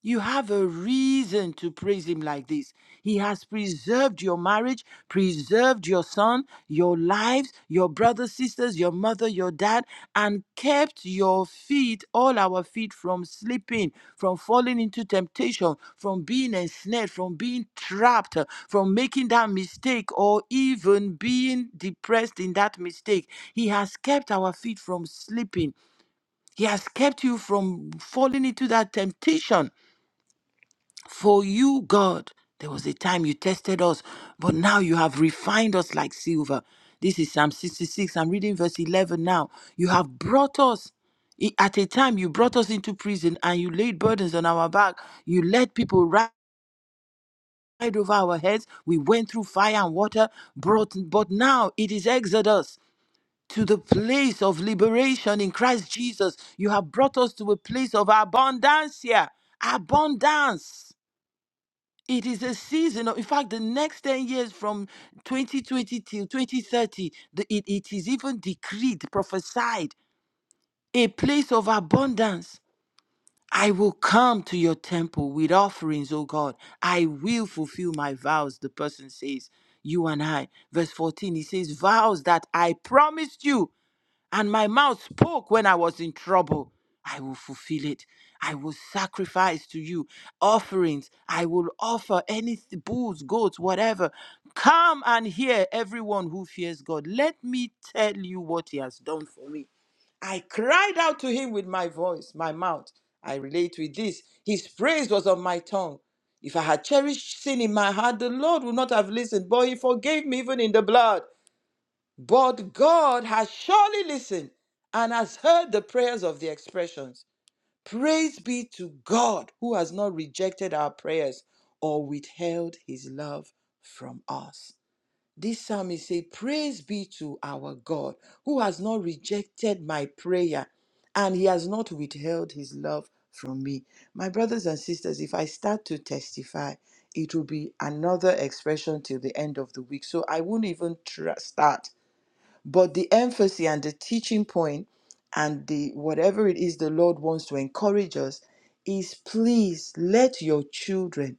You have a reason to praise him like this. He has preserved your marriage, preserved your son, your lives, your brothers, sisters, your mother, your dad, and kept your feet, all our feet, from slipping, from falling into temptation, from being ensnared, from being trapped, uh, from making that mistake or even being depressed in that mistake. He has kept our feet from slipping. He has kept you from falling into that temptation for you, God, there was a time you tested us, but now you have refined us like silver. This is Psalm 66. I'm reading verse 11 now. You have brought us. i- At a time, you brought us into prison and you laid burdens on our back. You let people ride over our heads. We went through fire and water, brought, but now it is Exodus to the place of liberation in Christ Jesus. You have brought us to a place of abundance here. Abundance. It is a season of, in fact, the next 10 years from 2020 till 2030, the, it, it is even decreed, prophesied, a place of abundance. I will come to your temple with offerings, O God. I will fulfill my vows, the person says, you and I. Verse 14, he says, vows that I promised you. And my mouth spoke when I was in trouble. I will fulfill it. I will sacrifice to you offerings. I will offer any th- bulls, goats, whatever. Come and hear everyone who fears God. Let me tell you what He has done for me. I cried out to Him with my voice, my mouth. I relate with this. His praise was on my tongue. If I had cherished sin in my heart, the Lord would not have listened, but He forgave me even in the blood. But God has surely listened and has heard the prayers of the expressions. Praise be to God who has not rejected our prayers or withheld his love from us. This psalmist says, Praise be to our God who has not rejected my prayer and he has not withheld his love from me. My brothers and sisters, if I start to testify, it will be another expression till the end of the week. So I won't even tr- start but the emphasis and the teaching point and the whatever it is the lord wants to encourage us is please let your children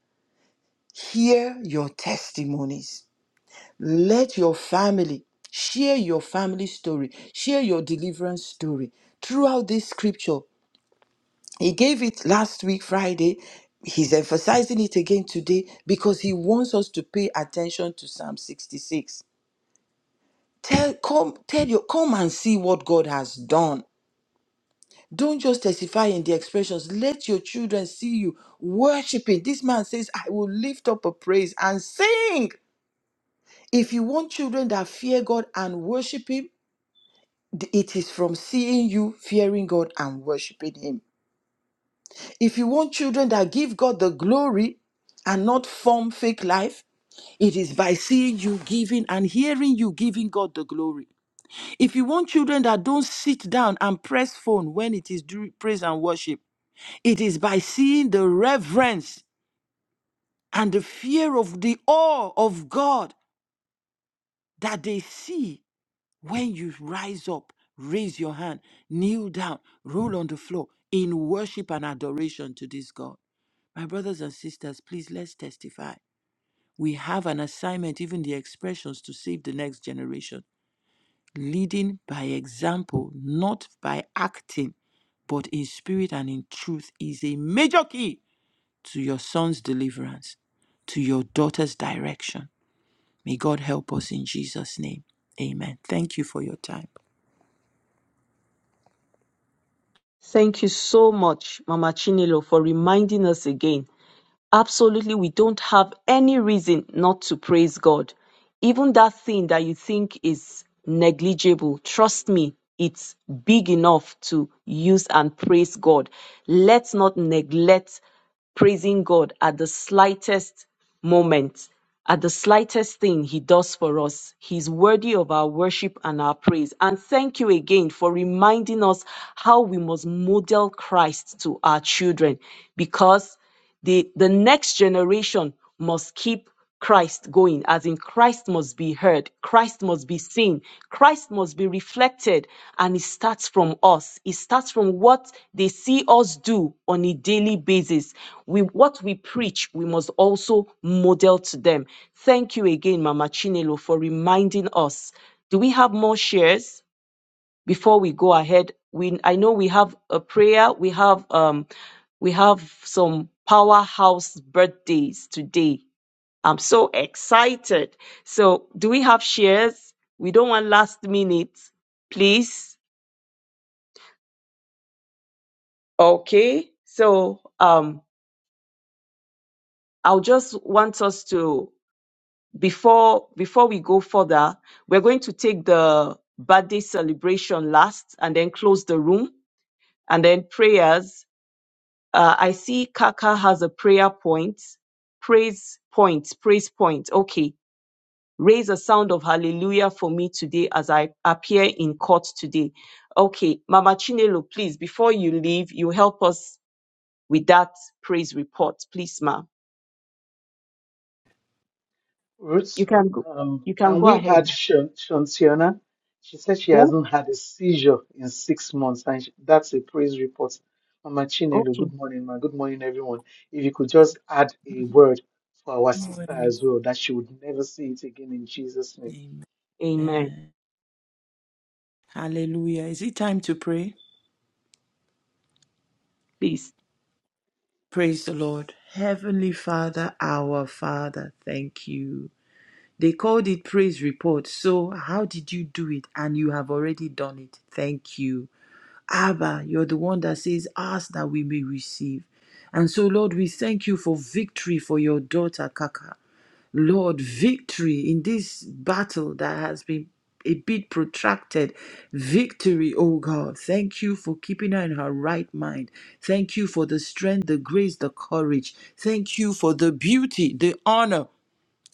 hear your testimonies let your family share your family story share your deliverance story throughout this scripture he gave it last week friday he's emphasizing it again today because he wants us to pay attention to psalm 66 tell come tell you come and see what god has done Don't just testify in the expressions. Let your children see you worshiping. This man says, I will lift up a praise and sing. If you want children that fear God and worship Him, th- it is from seeing you fearing God and worshiping Him. If you want children that give God the glory and not form fake life, it is by seeing you giving and hearing you giving God the glory. If you want children that don't sit down and press phone when it is during praise and worship, It is by seeing the reverence and the fear of the awe of God that they see when you rise up, raise your hand, kneel down, roll on the floor in worship and adoration to this God. My brothers and sisters, please let's testify. We have an assignment, even the expressions, to save the next generation, leading by example, not by acting, but in spirit and in truth is a major key to your son's deliverance, to your daughter's direction. May God help us in Jesus' name. Amen. Thank you for your time. Thank you so much, Mama Chinelo, for reminding us again Absolutely, we don't have any reason not to praise God. Even that thing that you think is negligible, trust me, it's big enough to use and praise God. Let's not neglect praising God at the slightest moment, at the slightest thing He does for us. He's worthy of our worship and our praise. And thank you again for reminding us how we must model Christ to our children because the, the next generation must keep Christ going, as in Christ must be heard, Christ must be seen, Christ must be reflected. And it starts from us. It starts from what they see us do on a daily basis. We, what we preach, we must also model to them. Thank you again, Mama Chinelo, for reminding us. Do we have more shares? before we go ahead we i know we have a prayer we have um we have some powerhouse birthdays today i'm so excited so do we have shares we don't want last minute please okay so um i'll just want us to before before we go further we're going to take the birthday celebration last and then close the room and then prayers Uh, I see Kaka has a prayer point. Praise point, praise point. Okay. Raise a sound of hallelujah for me today as I appear in court today. Okay. Mama Chinelo, please, before you leave, you help us with that praise report. Please, ma. You Ruth, can go, um, you can can go we ahead. add Shan- Shantiana? She said she Oh, hasn't had a seizure in six months, and she, that's a praise report. Mama Chinelo, okay. good morning, ma. Good morning, everyone. If you could just add a word for our sister as well, that she would never see it again in Jesus' name. Amen. Amen. Hallelujah. Is it time to pray? Please. Praise the Lord. Heavenly Father, our Father, thank you. They called it praise report. So, how did you do it? And you have already done it. Thank you. Abba, you're the one that says, Ask that we may receive. And so, Lord, we thank you for victory for your daughter, Kaka. Lord, victory in this battle that has been a bit protracted. Victory, oh God. Thank you for keeping her in her right mind. Thank you for the strength, the grace, the courage. Thank you for the beauty, the honor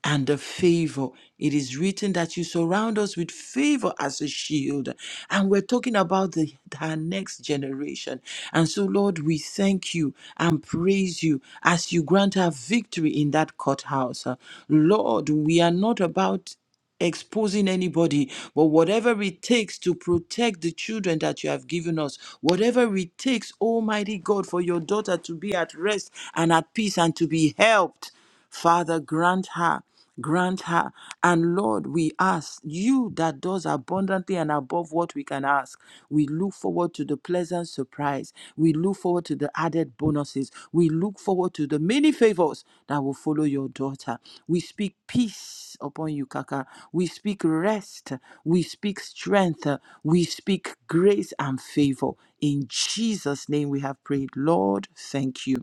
and the favor. It is written that you surround us with favor as a shield. And we're talking about the, our next generation. And so, Lord, we thank you and praise you as you grant our victory in that courthouse. Uh, Lord, we are not about exposing anybody, but whatever it takes to protect the children that you have given us, whatever it takes, Almighty God, for your daughter to be at rest and at peace and to be helped, Father, grant her. Grant her. And Lord, we ask you that does abundantly and above what we can ask. We we look forward to the pleasant surprise. We look forward to the added bonuses. We look forward to the many favors that will follow your daughter. We speak peace upon you, Kaka. We speak rest. We speak strength. We speak grace and favor. In Jesus' name we have prayed. Lord, thank you.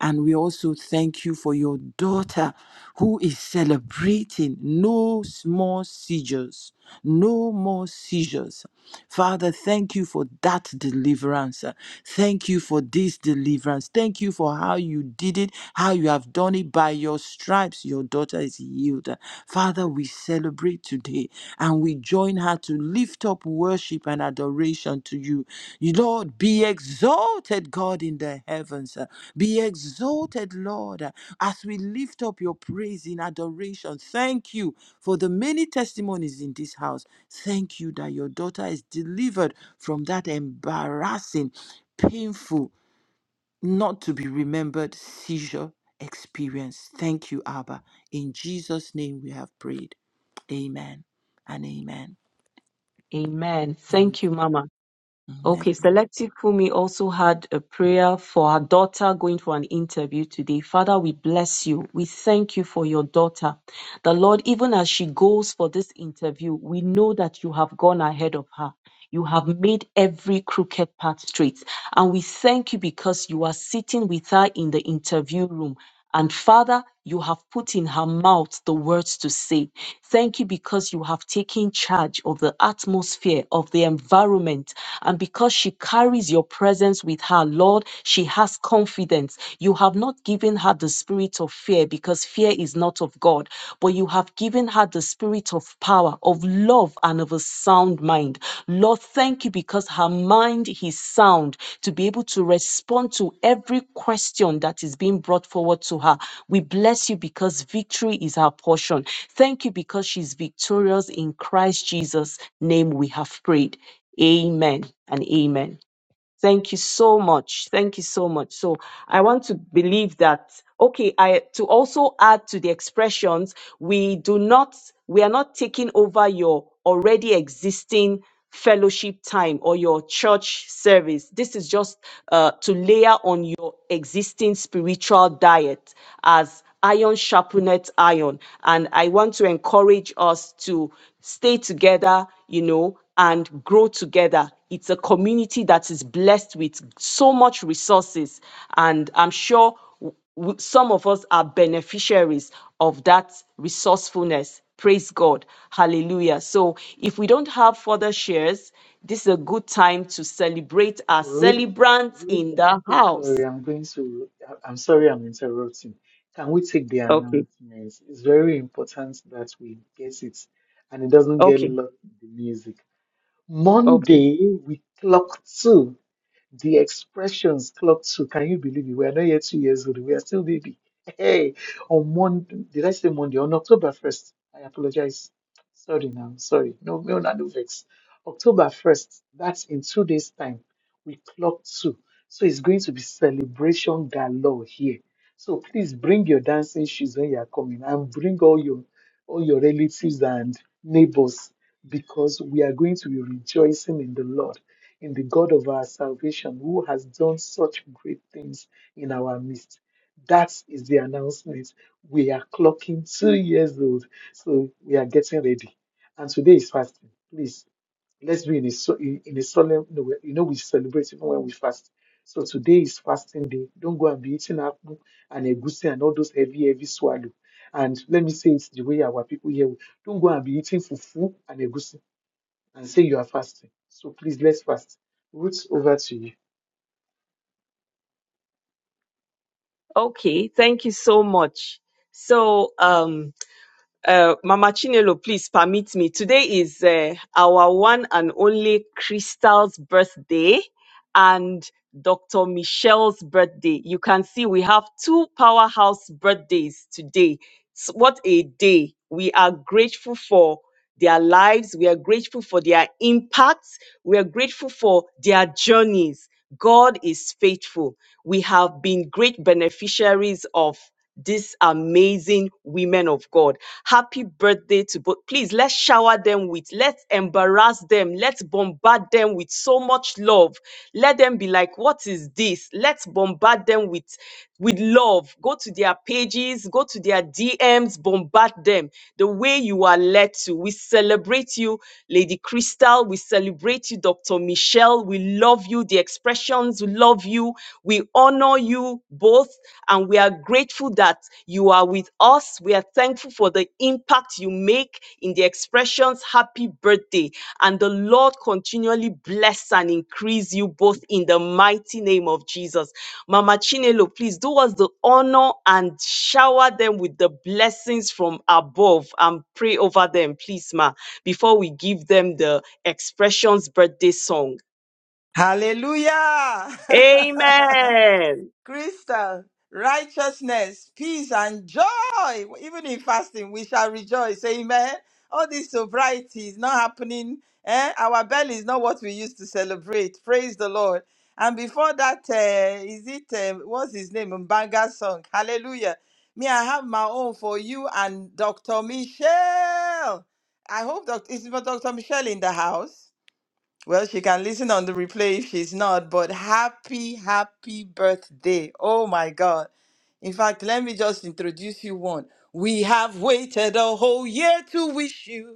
And we also thank you for your daughter who is celebrating no small seizures, no more seizures. Father, thank you for that deliverance. Thank you for this deliverance. Thank you for how you did it, how you have done it by your stripes. Your daughter is healed. Father, we celebrate today today and we join her to lift up worship and adoration to you. Lord, be exalted, God, in the heavens. Be exalted, Lord, as we lift up your praise in adoration. Thank you for the many testimonies in this house. Thank you that your daughter is delivered from that embarrassing, painful, not to be remembered seizure experience. Thank you, Abba. In Jesus' name we have prayed. Amen and amen. Amen. Thank you, Mama. Amen. Okay, Selective Fumi also had a prayer for her daughter going for an interview today. Father, we bless you. We thank you for your daughter. The Lord, even as she goes for this interview, we know that you have gone ahead of her. You have made every crooked path straight. And we thank you because you are sitting with her in the interview room. And Father, you have put in her mouth the words to say. Thank you because you have taken charge of the atmosphere, of the environment. And because she carries your presence with her, Lord, she has confidence. You have have not given her the spirit of fear because fear is not of God, but you have given her the spirit of power, of love, and of a sound mind. Lord, thank you because her mind is sound to be able to respond to every question that is being brought forward to her. We bless you because victory is her portion. Thank you because she's victorious in Christ Jesus' name we have prayed. Amen and amen. Thank you so much. Thank you so much. So I want to believe that, okay, I, to also add to the expressions, we do not, we are not taking over your already existing fellowship time or your church service. This is just uh, to layer on your existing spiritual diet as iron sharpeneth iron. And I want to encourage us to stay together, you know, and grow together it's a community that is blessed with so much resources, and I'm sure w- some of us are beneficiaries of that resourcefulness. Praise God. Hallelujah. So, if we don't have further shares, this is a good time to celebrate our Ruth, celebrants Ruth, in I'm the so sorry. house. I'm going to. I- I'm sorry, I'm interrupting. Can we take the Okay. announcements? It's very important that we get it, and it doesn't get Okay. lost in the music. Okay. Monday, we clocked two. The expressions clocked to, can you believe it? We are not yet two years old. We are still baby. Hey, on Monday, did I say Monday? On October 1st, I apologize. Sorry now, sorry. No, no, no, no vex. October 1st, that's in two days' time. We clocked two. So it's going to be celebration galore here. So please bring your dancing shoes when you are coming and bring all your all your relatives and neighbors because we are going to be rejoicing in the Lord in the God of our salvation who has done such great things in our midst. That is the announcement. We are clocking two years old, so we are getting ready. And today is fasting. Please, let's be in a, so- in in a solemn, no, we- you know, we celebrate even when we fast. So today is fasting day. Don't go and be eating apple and egusi and all those heavy, heavy swallow. And let me say it's the way our people here. Don't go and be eating fufu and egusi and say you are fasting. So please let's fast. Ruth, over to you. Okay. Thank you so much. So, um, Uh, Mama Chinelo, please permit me. Today is uh, our one and only Crystal's birthday and Dr. Michelle's birthday. You can see we have two powerhouse birthdays today. S- what a day. We are grateful for their lives. We are grateful for their impacts. We are grateful for their journeys. God is faithful. We have been great beneficiaries of these amazing women of God. Happy birthday to both. Please let's shower them with, let's embarrass them, let's bombard them with so much love. Let them be like, what is this? Let's bombard them with with love. Go to their pages, go to their DMs, bombard them the way you are led to. We celebrate you. Lady Crystal, we celebrate you. Dr. Michelle, we love you. The expressions we love you. We honor you both, and we are grateful that you are with us. We are thankful for the impact you make in the expressions. Happy birthday. And the Lord continually bless and increase you both in the mighty name of Jesus. Mama Chinelo, please do us the honor and shower them with the blessings from above and pray over them, please, Ma before we give them the expressions birthday song. Hallelujah. Amen. crystal, righteousness, peace, and joy. Even in fasting, we shall rejoice. Amen. All this sobriety is not happening. Eh? Our belly is not what we used to celebrate. Praise the Lord. And before that, uh, is it uh, what's his name? Mbanga song. Hallelujah. Me, I have my own for you and Dr. Michelle. I hope doc- is Dr. Michelle in the house. Well, she can listen on the replay if she's not, but happy, happy birthday. Oh my God. In fact, let me just introduce you one. We have waited a whole year to wish you.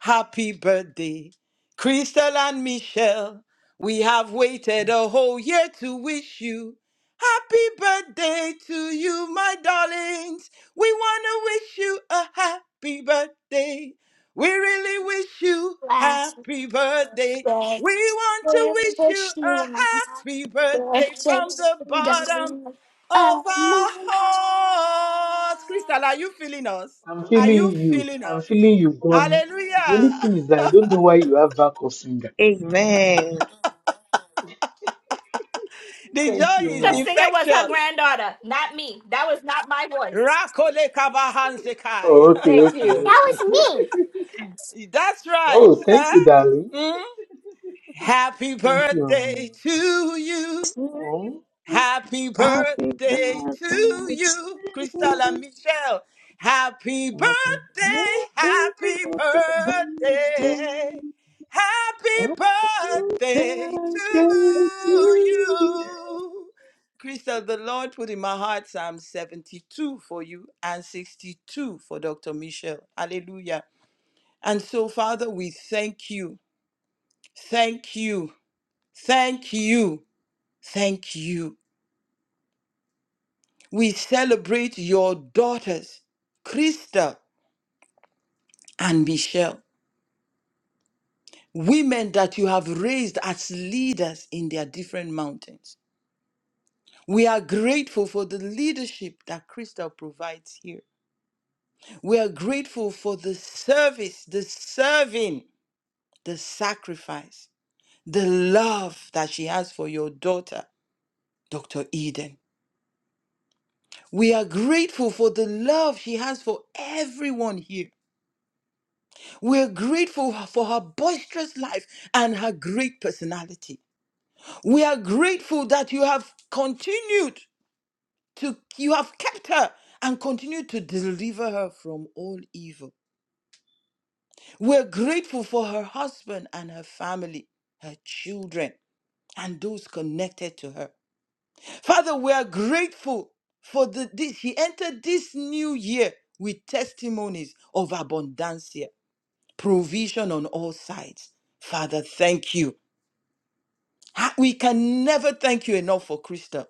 Happy birthday, Crystal and Michelle. We have waited a whole year to wish you happy birthday to you, my darlings. We want to wish you a happy birthday. We really wish you happy birthday. We want to wish you a happy birthday from the bottom of our hearts. Crystal, are you feeling us? I'm Are feeling you you. feeling I'm us? feeling you, Goni. The Hallelujah. only thing is that I don't know why you have back of singer. Amen. The Thank joy you, is up ma. singer was her infectious. granddaughter, not me. That was not my voice. Rakole Oh, kabahansekai. okay, Thank you. okay, okay. That's right. oh, thank eh? you, darling. Mm. Happy Thank you. birthday um, to you. Oh, Happy Happy birthday birthday to to you, Cristela you. Michelle. Happy Happy birthday, birthday, happy birthday, happy happy birthday, happy birthday. birthday to you. Crystal, the Lord put in my heart Psalm 72 for you and 62 for Dr. Michelle. Hallelujah. And so, Father, we thank you, thank you, thank you, thank you. We celebrate your daughters, Krista and Michelle, women that you have raised as leaders in their different mountains. We are grateful for the leadership that Krista provides here. We are grateful for the service, the serving, the sacrifice, the love that she has for your daughter, Dr. Eden. We are grateful for the love she has for everyone here We're grateful for her boisterous life and her great personality. We are grateful that you have continued to, you have kept her and continued to deliver her from all evil. We're grateful for her husband and her family, her children, and those connected to her. Father, we are grateful for the, this. She entered this new year with testimonies of abundancia, provision on all sides. Father, thank you Ha- We can never thank you enough for Crystal.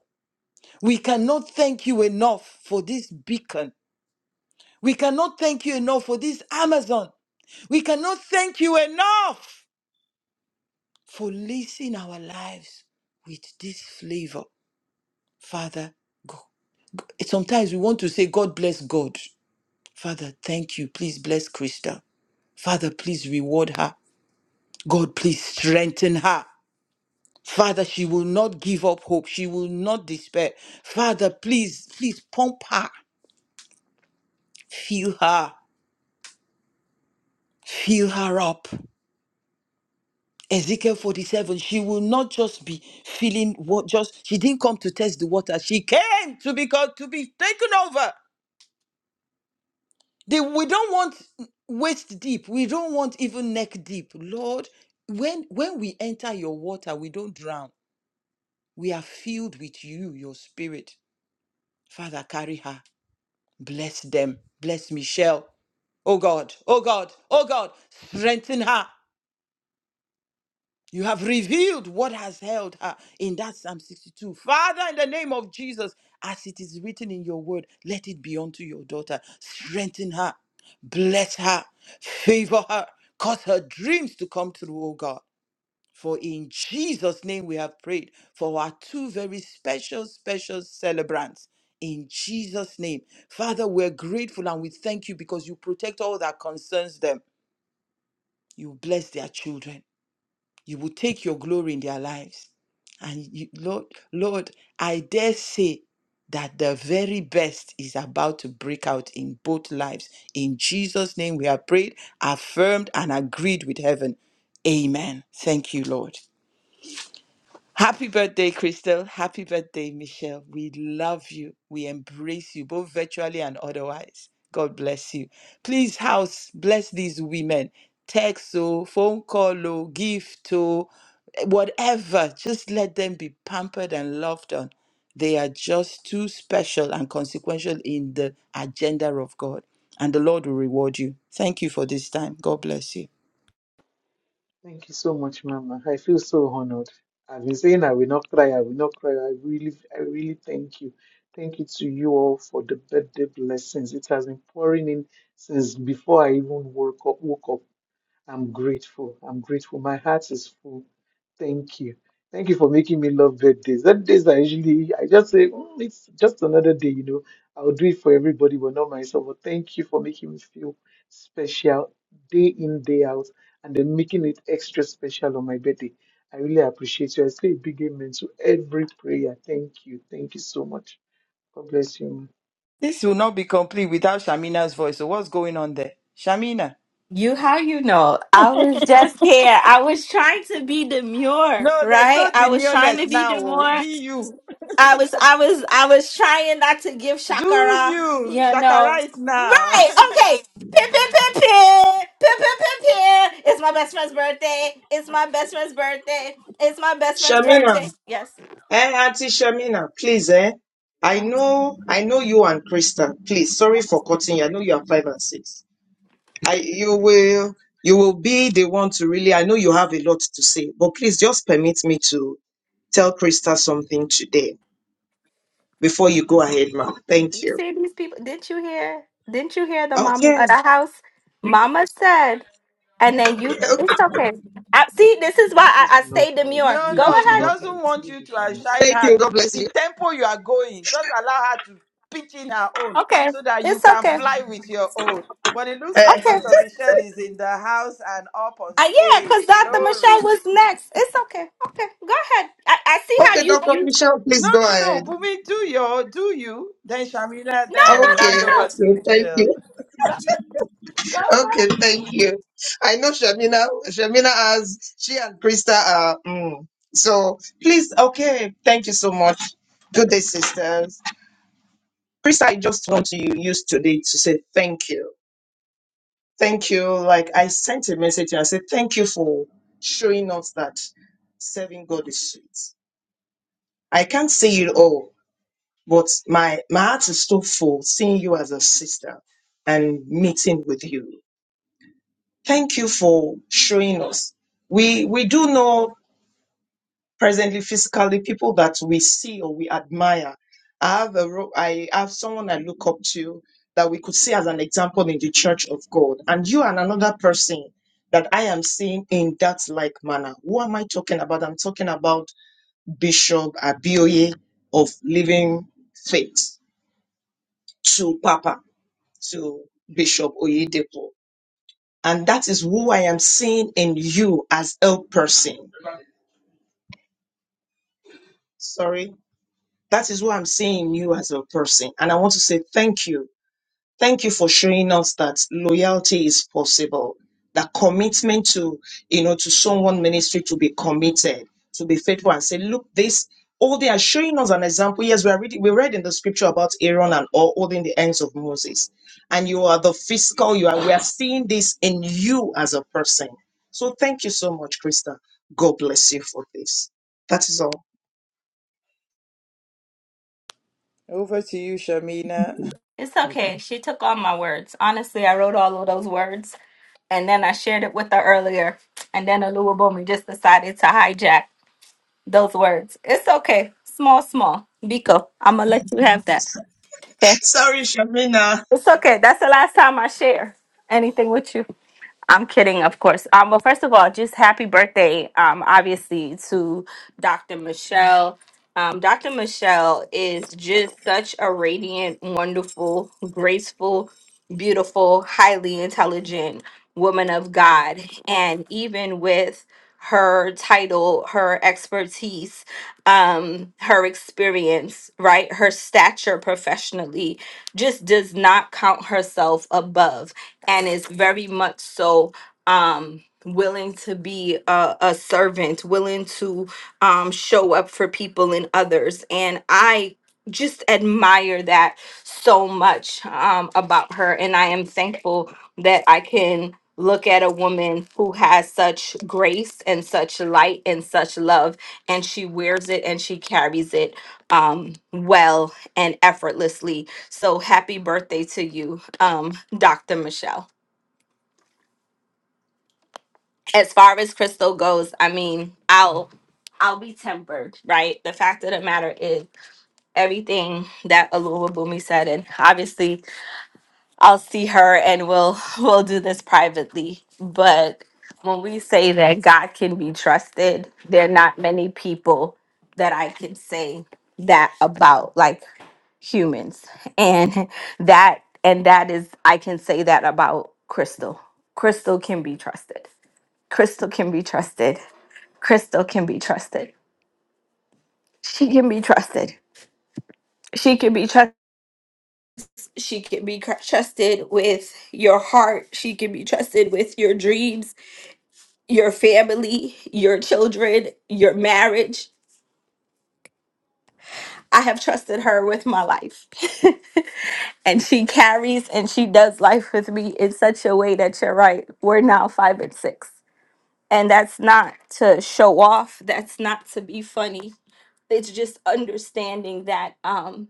We cannot thank you enough for this beacon. We cannot thank you enough for this Amazon. We cannot thank you enough for leasing our lives with this flavor. Father, go. sometimes we want to say, God bless God. Father, thank you. Please bless Krista, Father, please reward her. God, please strengthen her. Father, she will not give up hope. She will not despair. Father, please, please pump her. Fill her. Fill her up. Ezekiel 47, she will not just be feeling what just, she didn't come to test the water. She came to be, co- to be taken over. The- we don't want waist deep. We don't want even neck deep. Lord, when, when we enter your water, we don't drown. We are filled with you, your spirit. Father, carry her. Bless them. Bless Michelle. Oh God, oh God, oh God, strengthen her. You have revealed what has held her in that Psalm 62. Father, in the name of Jesus, as it is written in your word, let it be unto your daughter. Strengthen her, bless her, favor her, cause her dreams to come true, oh God. For in Jesus' name we have prayed for our two very special, special celebrants. In Jesus' name. Father, we're grateful and we thank you because you protect all that concerns them. You bless their children. You will take your glory in their lives. And you, Lord, Lord, I dare say that the very best is about to break out in both lives. In Jesus' name we have prayed, affirmed, and agreed with heaven. Amen. Thank you, Lord. Happy birthday, Crystal. Happy birthday, Michelle. We love you. We embrace you, both virtually and otherwise. God bless you. Please, house, bless these women. Text, oh, phone call, oh, gift, oh, whatever. Just let them be pampered and loved on. They are just too special and consequential in the agenda of God. And the Lord will reward you. Thank you for this time. God bless you. thank you so much, Mama. I feel so honored. I've been saying I will not cry. I will not cry. I really, I really thank you. Thank you to you all for the birthday blessings. It has been pouring in since before I even woke up. Woke up. I'm grateful. I'm grateful. My heart is full. Thank you. Thank you for making me love birthdays. That days I usually I just say "Mm, it's just another day, you know. I'll do it for everybody, but not myself. But thank you for making me feel special day in, day out, and then making it extra special on my birthday. I really appreciate you. I say a big amen to every prayer. Thank you. Thank you so much. God bless you. This will not be complete without Shamina's voice. So, what's going on there? Shamina. You how you know? I was just here. I was trying to be demure, No, there's right? no I was trying demureness to be now. oh. demure. Be you. I was I was I was trying not to give Do Shakara, you. you know. Shakara it now. Right, okay. Pin, pin, pin, pin. Pin, pin, pin, pin. It's my best friend's birthday. It's my best friend's birthday. It's my best friend's birthday. Shamina, Yes. eh, Auntie Shamina, please, eh. I know, I know you and Krista. Please, sorry for cutting you. I know you are five and six. I, you will, you will be the one to really. I know you have a lot to say, but please just permit me to tell Krista something today. before you go ahead, ma'am. Thank You you. see these people? Didn't you hear? Didn't you hear the mama Okay. at the house? Mama said, and then you I, see. This is why You I, push I enough stay fight. demure. no, Go You no, push she ahead. enough doesn't fight. want You you to push enough fight. outshine Thank her. you. The, God bless the you. tempo you are going, just allow her to pitch in her own Okay, so that you it's can okay. fly with your own. But it looks Eh, like Okay. Dr. Michelle is in the house and up on Uh, yeah, stage. because Dr. Glory. Michelle was next. It's okay. Okay, go ahead. I, I see how okay, you Dr. you. Michelle, No, please go no, no. ahead. Bumi, do your, do you. Then Shamina, No, then no, we no, hand Okay, no, over to okay, thank Michelle. you. no. Go, go, go. Okay, thank you. I know Shamina, Shamina has, she and Krista are, mm, so please, okay, thank you so much. Good day, sisters. Krista, I just want to use today to say thank you. Thank you. Like I sent a message and I said, thank you for showing us that serving God is sweet. I can't say it all, But my my heart is so full seeing you as a sister and meeting with you. Thank you for showing us. We we do know presently physically people that we see or we admire. I have a ro- I have someone I look up to that we could see as an example in the church of God, and you and another person that I am seeing in that like manner. Who am I talking about? I'm talking about Bishop Abioye of Living Faith to Papa. to Bishop Oyedepo. And that is who I am seeing in you as a person. Sorry. That is who I'm seeing in you as a person. And I want to say thank you Thank you for showing us that loyalty is possible, that commitment to, you know, to someone ministry to be committed, to be faithful and say, look, this, oh, they are showing us an example. Yes, we are reading, we read in the scripture about Aaron and all holding the hands of Moses. And you are the physical, you are, we are seeing this in you as a person. So thank you so much, Krista. God bless you for this. That is all. Over to you, Shamina. It's Okay. okay. She took all my words. Honestly, I wrote all of those words, and then I shared it with her earlier, and then Aluwa Bomi just decided to hijack. those words. It's okay. Small, small. Biko, I'm gonna let you have that. Okay. Sorry, Shamina. It's okay. That's the last time I share anything with you. I'm kidding, of course. Um, well, first of all, just happy birthday, um, obviously, to Dr. Michelle. Um, Dr. Michelle is just such a radiant, wonderful, graceful, beautiful, highly intelligent woman of God. And even with her title, her expertise, um, her experience, right, her stature professionally, just does not count herself above and is very much so um willing to be a, a servant willing to um show up for people and others and i just admire that so much um about her and i am thankful that i can look at a woman who has such grace and such light and such love and she wears it and she carries it um well and effortlessly so happy birthday to you, um, Dr. Michelle. As far as Crystal goes, I mean, I'll I'll be tempered, right? The fact of the matter is everything that Alua Bumi said, and obviously I'll see her and we'll we'll do this privately. But when we say that God can be trusted, there are not many people that I can say that about like humans. And that and that is I can say that about Crystal. Crystal can be trusted. Crystal can be trusted. Crystal can be trusted. She can be trusted. She can be trusted She can be cr- trusted with your heart. She can be trusted with your dreams, your family, your children, your marriage. I have trusted her with my life. and she carries and she does life with me in such a way that you're right. We're now five and six. And that's not to show off, that's not to be funny. It's just understanding that um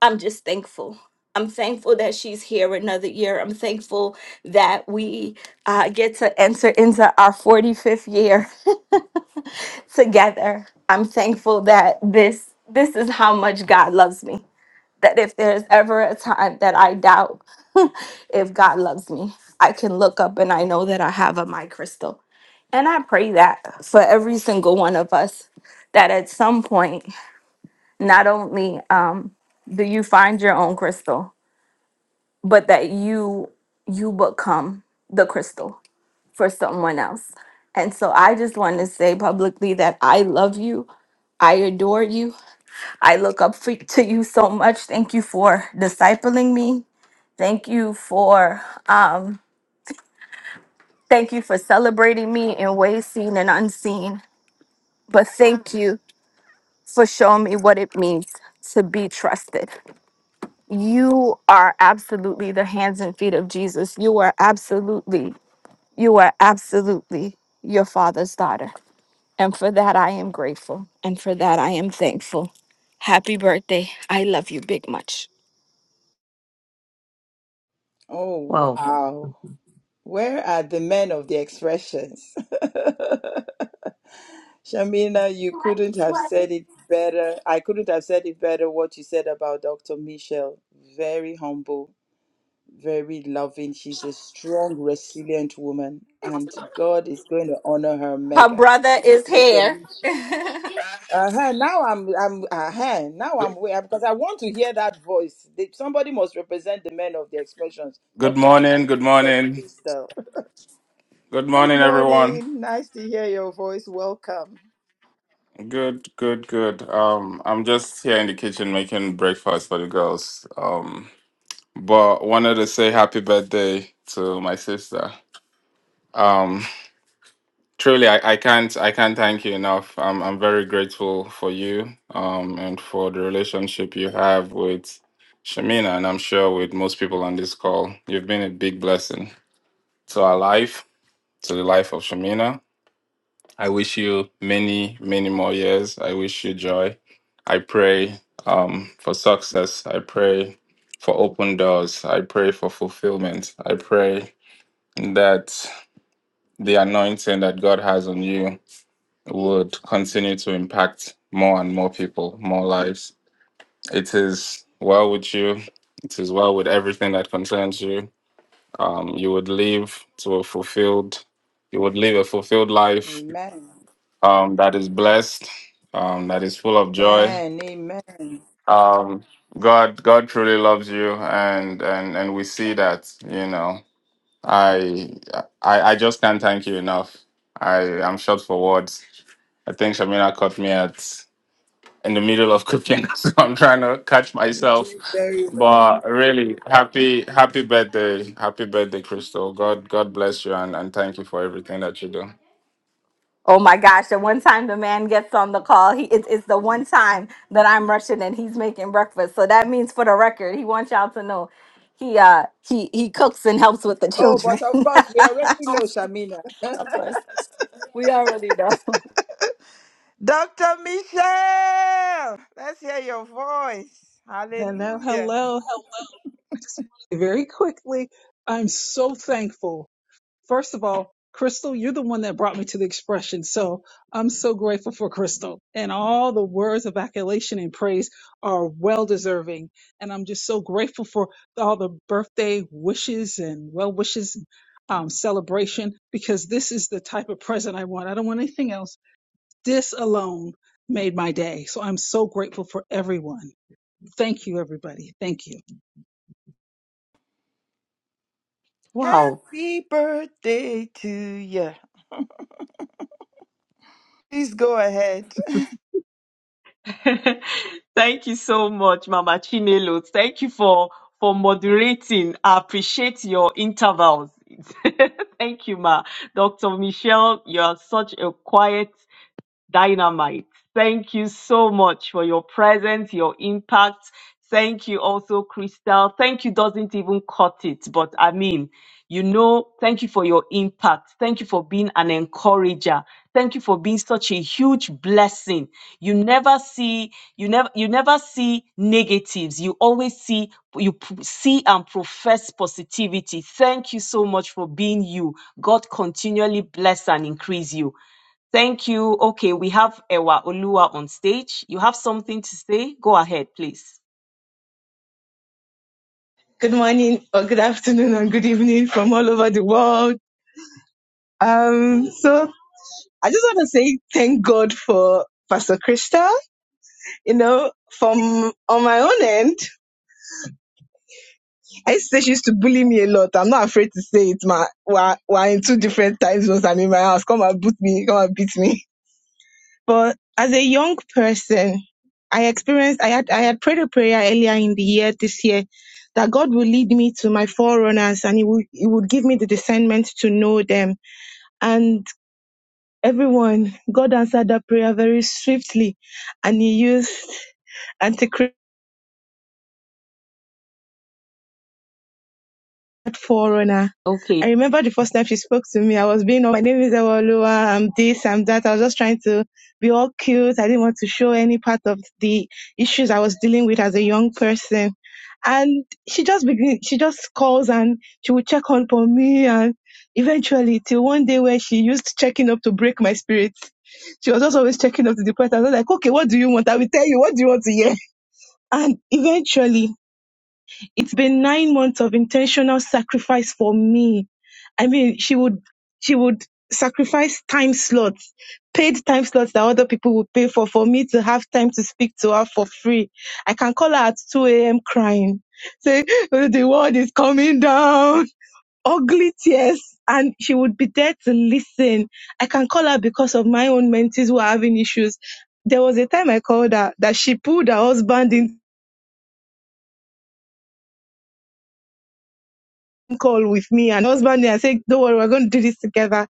I'm just thankful. I'm thankful that she's here another year. I'm thankful that we uh, get to enter into our 45th year together. I'm thankful that this this is how much God loves me. That if there's ever a time that I doubt if God loves me, I can look up and I know that I have a my crystal. And I pray that for every single one of us that at some point not only um, do you find your own crystal but that you you become the crystal for someone else. And so I just want to say publicly that I love you. I adore you. I look up for, to you so much. Thank you for discipling me. Thank you for um thank you for celebrating me in ways seen and unseen. But thank you for showing me what it means to be trusted. You are absolutely the hands and feet of Jesus. You are absolutely You are absolutely your father's daughter. And for that, I am grateful. And for that, I am thankful. Happy birthday. I love you big much. Oh, Wow. wow. Where are the men of the expressions? Shamina, you couldn't have said it better. I couldn't have said it better what you said about Dr. Michelle. Very humble, very loving. She's a strong, resilient woman, and God is going to honor her Her mega. brother is Dr. here. Michelle. Uh-huh. Now I'm I'm uh-huh. Now I'm Good way because I want to hear that voice. They- somebody must represent the men of the expressions talking about morning. Good Dr. morning. Crystal. Good Good morning, everyone. morning. Nice to hear your voice. Welcome. Good, good, good. Um, I'm just here in the kitchen making breakfast for the girls. Um, but wanted to say happy birthday to my sister. Um, Truly, I, I can't I can't thank you enough. I'm I'm very grateful for you um and for the relationship you have with Shamina and I'm sure with most people on this call. You've been a big blessing to our life, to the life of Shamina. I wish you many, many more years. I wish you joy. I pray um for success. I pray for open doors. I pray for fulfillment. I pray that the anointing that God has on you would continue to impact more and more people, more lives. It is well with you. It is well with everything that concerns you. Um, you would live to a fulfilled, you would live a fulfilled life Amen. um, that is blessed, um, that is full of joy. Amen. Amen. Um, God, God truly loves you, and and and we see that. You know, I I, I just can't thank you enough. I am short for words. I think Shamina caught me at. in the middle of cooking, so I'm trying to catch You myself. do very well. But really, happy happy birthday, happy birthday, Crystal. God God bless you and, and thank you for everything that you do. Oh my gosh, the one time the man gets on the call, he it's, it's the one time that I'm rushing and he's making breakfast. So that means for the record, he wants y'all to know he uh he he cooks and helps with the Oh, children. but of course, we already of know Shamina. course. We already know. Dr. Michelle, let's hear your voice. Hello, Hallelujah. hello, hello. I just wanted to very quickly, I'm so thankful. First of all, Crystal, you're the one that brought me to the expression. So I'm so grateful for Crystal. And all the words of accolation and praise are well deserving. And I'm just so grateful for all the birthday wishes and well wishes um, celebration because this is the type of present I want. I don't want anything else. This alone made my day. So I'm so grateful for everyone. Thank you, everybody. Thank you. Wow. Happy birthday to you. Please go ahead. Thank you so much, Mama Chinelo. Thank you for for moderating. I appreciate your intervals. Thank you, Ma. Dr. Michelle, you are such a quiet dynamite. Thank you so much for your presence, your impact. Thank you also, Crystal. Thank you doesn't even cut it, but I mean, you know, thank you for your impact. Thank you for being an encourager. Thank you for being such a huge blessing. You never see, you never, you never see negatives. You always see, you p- see and profess positivity. Thank you so much for being you. God continually bless and increase you. Thank you. Okay, we have Ewa Olua on stage. You have something to say? Go ahead, please. Good morning, or good afternoon, and good evening from all over the world. Um, so I just want to say thank God for Pastor Krista. You know, from on my own end, I used to say she used to bully me a lot. I'm not afraid to say it. My we're, we're in two different time zones. I'm in my house. Come and boot me. Come and beat me. But as a young person, I experienced. I had I had prayed a prayer earlier in the year this year that God will lead me to my forerunners and He would He would give me the discernment to know them and everyone god answered that prayer very swiftly and he used antichrist forerunner. Okay. I remember the first time she spoke to me, I was being, all, my name is Ewolua, I'm this, I'm that. I was just trying to be all cute. I didn't want to show any part of the issues I was dealing with as a young person. And she just begin, she just calls and she would check up on me and eventually till one day where she used checking up to break my spirit. She was just always checking up to the point. I was like, okay, what do you want? I will tell you, what do you want to hear? And eventually it's been nine months of intentional sacrifice for me. I mean, she would, she would sacrifice time slots, paid time slots that other people would pay for, for me to have time to speak to her for free. I can call her at 2 a.m. crying, say, "Oh, the world is coming down, ugly tears. And she would be there to listen. I can call her because of my own mentees who are having issues. There was a time I called her that she pulled her husband in. call with me and husband and say, Don't worry, we're going to do this together.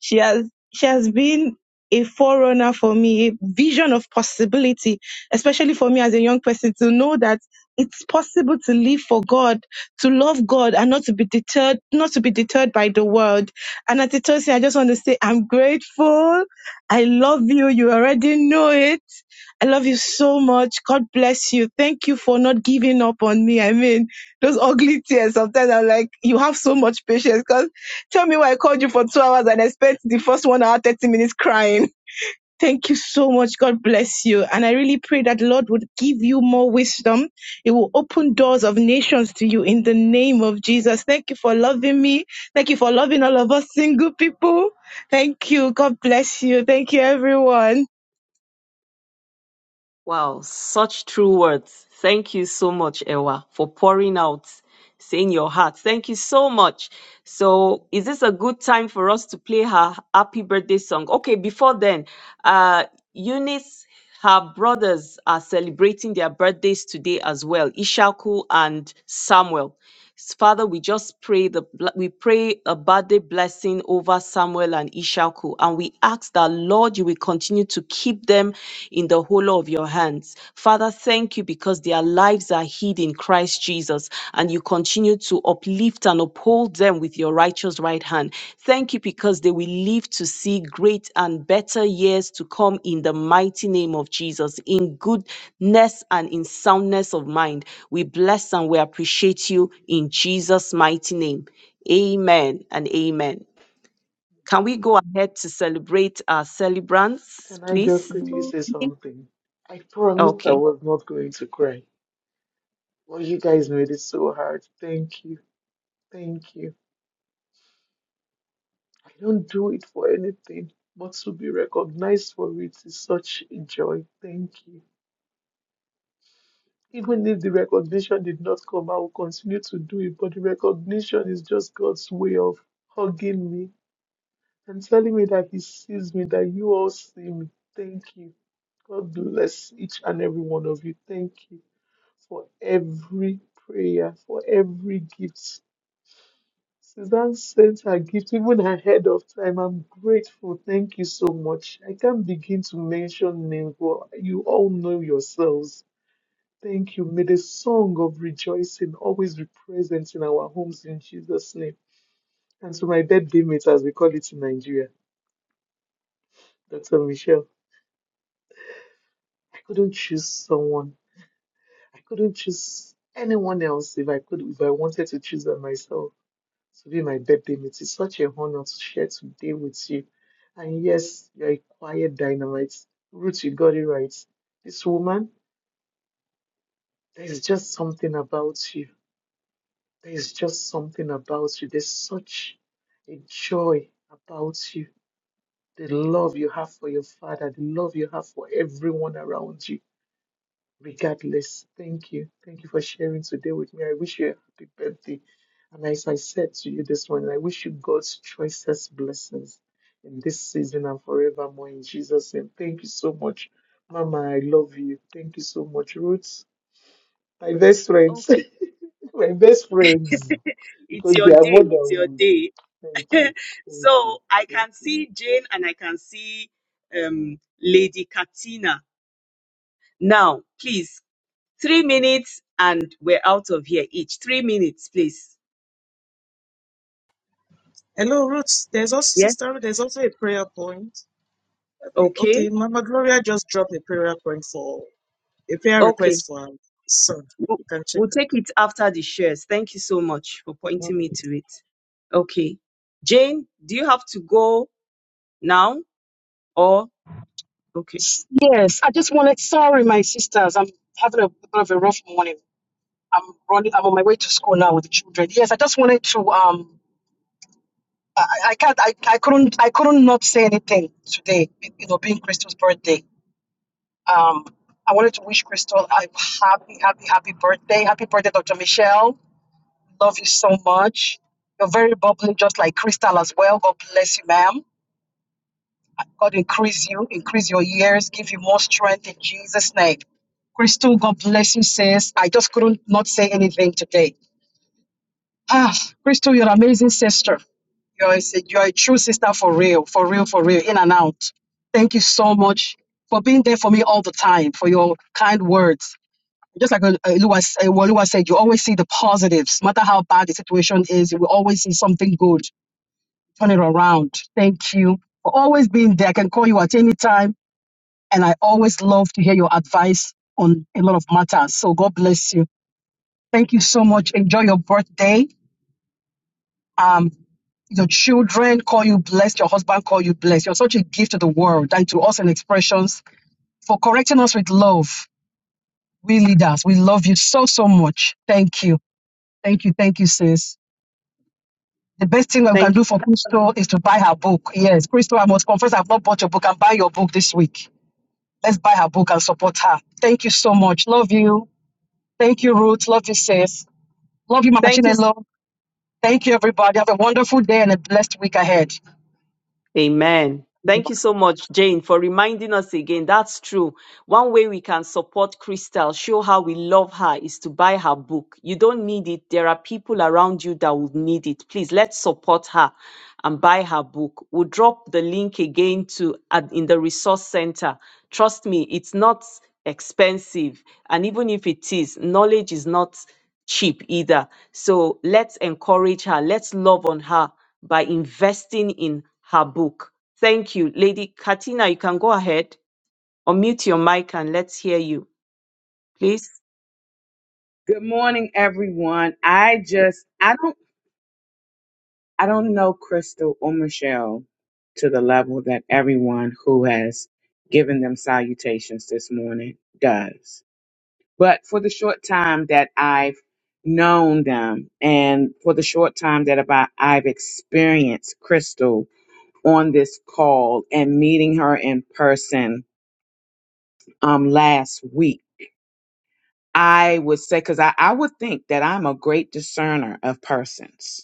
She has she has been a forerunner for me, a vision of possibility, especially for me as a young person to know that it's possible to live for God, to love God and not to be deterred, not to be deterred by the world. And at the Tosin, I just want to say I'm grateful. I love you. You already know it. I love you so much. God bless you. Thank you for not giving up on me. I mean, those ugly tears. Sometimes I'm like, you have so much patience because tell me why I called you for two hours and I spent the first one hour, 30 minutes crying. Thank you so much. God bless you. And I really pray that the Lord would give you more wisdom. It will open doors of nations to you in the name of Jesus. Thank you for loving me. Thank you for loving all of us single people. Thank you. God bless you. Thank you, everyone. Wow, such true words. Thank you so much, Ewa, for pouring out, saying your heart. Thank you so much. So, is this a good time for us to play her happy birthday song? Okay, before then, uh, Eunice, her brothers are celebrating their birthdays today as well, Ishaku and Samuel. Father, we just pray the we pray a birthday blessing over Samuel and Ishaku, and we ask that Lord, you will continue to keep them in the hollow of your hands. Father, thank you because their lives are hid in Christ Jesus, and you continue to uplift lift and uphold them with your righteous right hand. Thank you because they will live to see great and better years to come in the mighty name of Jesus, in goodness and in soundness of mind. We bless and we appreciate you in Jesus' mighty name. Amen and amen. Can we go ahead to celebrate our celebrants, Can I just please? quickly say something? I promised I Okay. was not going to cry. but you guys made it so hard. Thank you. Thank you. I don't do it for anything, but to be recognized for it is such a joy. Thank you. Even if the recognition did not come, I will continue to do it, but the recognition is just God's way of hugging me and telling me that He sees me, that you all see me. Thank you. God bless each and every one of you. Thank you. for every prayer, for every gift. Suzanne sent her gift even ahead of time. I'm grateful. Thank you so much. I can't begin to mention names, but you all know yourselves. Thank you. May the song of rejoicing always be present in our homes in Jesus' name. And to my birthday mate, as we call it in Nigeria, Dr. Michelle, I couldn't choose someone. I couldn't choose anyone else if I could, if I wanted to choose them myself. to be my birthday mate. It's such a honor to share today with you. And yes, you're a quiet dynamite. Ruth, you got it right. This woman, there's just something about you. There's just something about you. There's such a joy about you. The love you have for your father, the love you have for everyone around you regardless. Thank you. Thank you for sharing today with me. I wish you a happy birthday. And as I said to you this morning, I wish you God's choicest blessings in this season and forevermore in Jesus' name. Thank you so much, Mama. I love you. Thank you so much, Ruth. My best friends. Okay. my best friends. It's Because your they are day. more than It's your one. day. Thank you. Thank you. so I Thank can you. see Jane and I can see um, Lady Katina. Now, please, three minutes and we're out of here each. Three minutes, please. Hello, Ruth. There's also Yes. Sister Ruth. There's also a prayer point. Okay, Okay. okay. Mama Gloria just dropped a prayer point for a prayer Okay. request for her son. We'll, You can check we'll it. take it after the shares. Thank you so much for pointing me Okay. to it. Okay. Jane, do you have to go now or? Okay. Yes, I just wanted, sorry, my sisters, I'm having a bit of a rough morning. I'm running, I'm on my way to school now with the children. Yes, I just wanted to, um, I, I can't, I, I couldn't, I couldn't not say anything today, you know, being Crystal's birthday. Um, I wanted to wish Crystal a happy, happy, happy birthday. Happy birthday, Dr. Michelle. Love you so much. You're very bubbly, just like Crystal as well. God bless you, ma'am. God increase you, increase your years, give you more strength in Jesus' name. Crystal, God bless you, sis. I just couldn't not say anything today. Ah, Crystal, you're an amazing sister. You're a, si- you're a true sister for real, for real, for real, in and out. Thank you so much for being there for me all the time, for your kind words. Just like uh, uh, Lua s- uh, Walua said, you always see the positives. No matter how bad the situation is, you will always see something good. Turn it around. Thank you for always being there. I can call you at any time and I always love to hear your advice on a lot of matters. So God bless you. Thank you so much. Enjoy your birthday. Um, your children call you blessed, your husband call you blessed. You're such a gift to the world and to us in expressions for correcting us with love. We leaders, we love you so, so much. Thank you. Thank you. Thank you, sis. The best thing we can Thank you. do for Crystal is to buy her book. Yes, Crystal, I must confess I've not bought your book. and buy your book this week. Let's buy her book and support her. Thank you so much. Love you. Thank you, Ruth. Love you, sis. Love you, Mama Thank you Chinelo. Thank you, everybody. Have a wonderful day and a blessed week ahead. Amen. Thank you so much, Jane, for reminding us again. That's true. One way we can support Crystal, show how we love her, is to buy her book. You don't need it. There are people around you that would need it. Please let's support her and buy her book. We'll drop the link again to at- in the resource center. Trust me, it's not expensive. And even if it is, knowledge is not cheap either. So let's encourage her. Let's love on her by investing in her book. Thank you. Lady Katina, you can go ahead, unmute your mic and let's hear you, please. Good morning, everyone. I just I don't I don't know Crystal or Michelle to the level that everyone who has given them salutations this morning does. But for the short time that I've known them and for the short time that about I've experienced Crystal on this call and meeting her in person um last week, I would say because I, I would think that I'm a great discerner of persons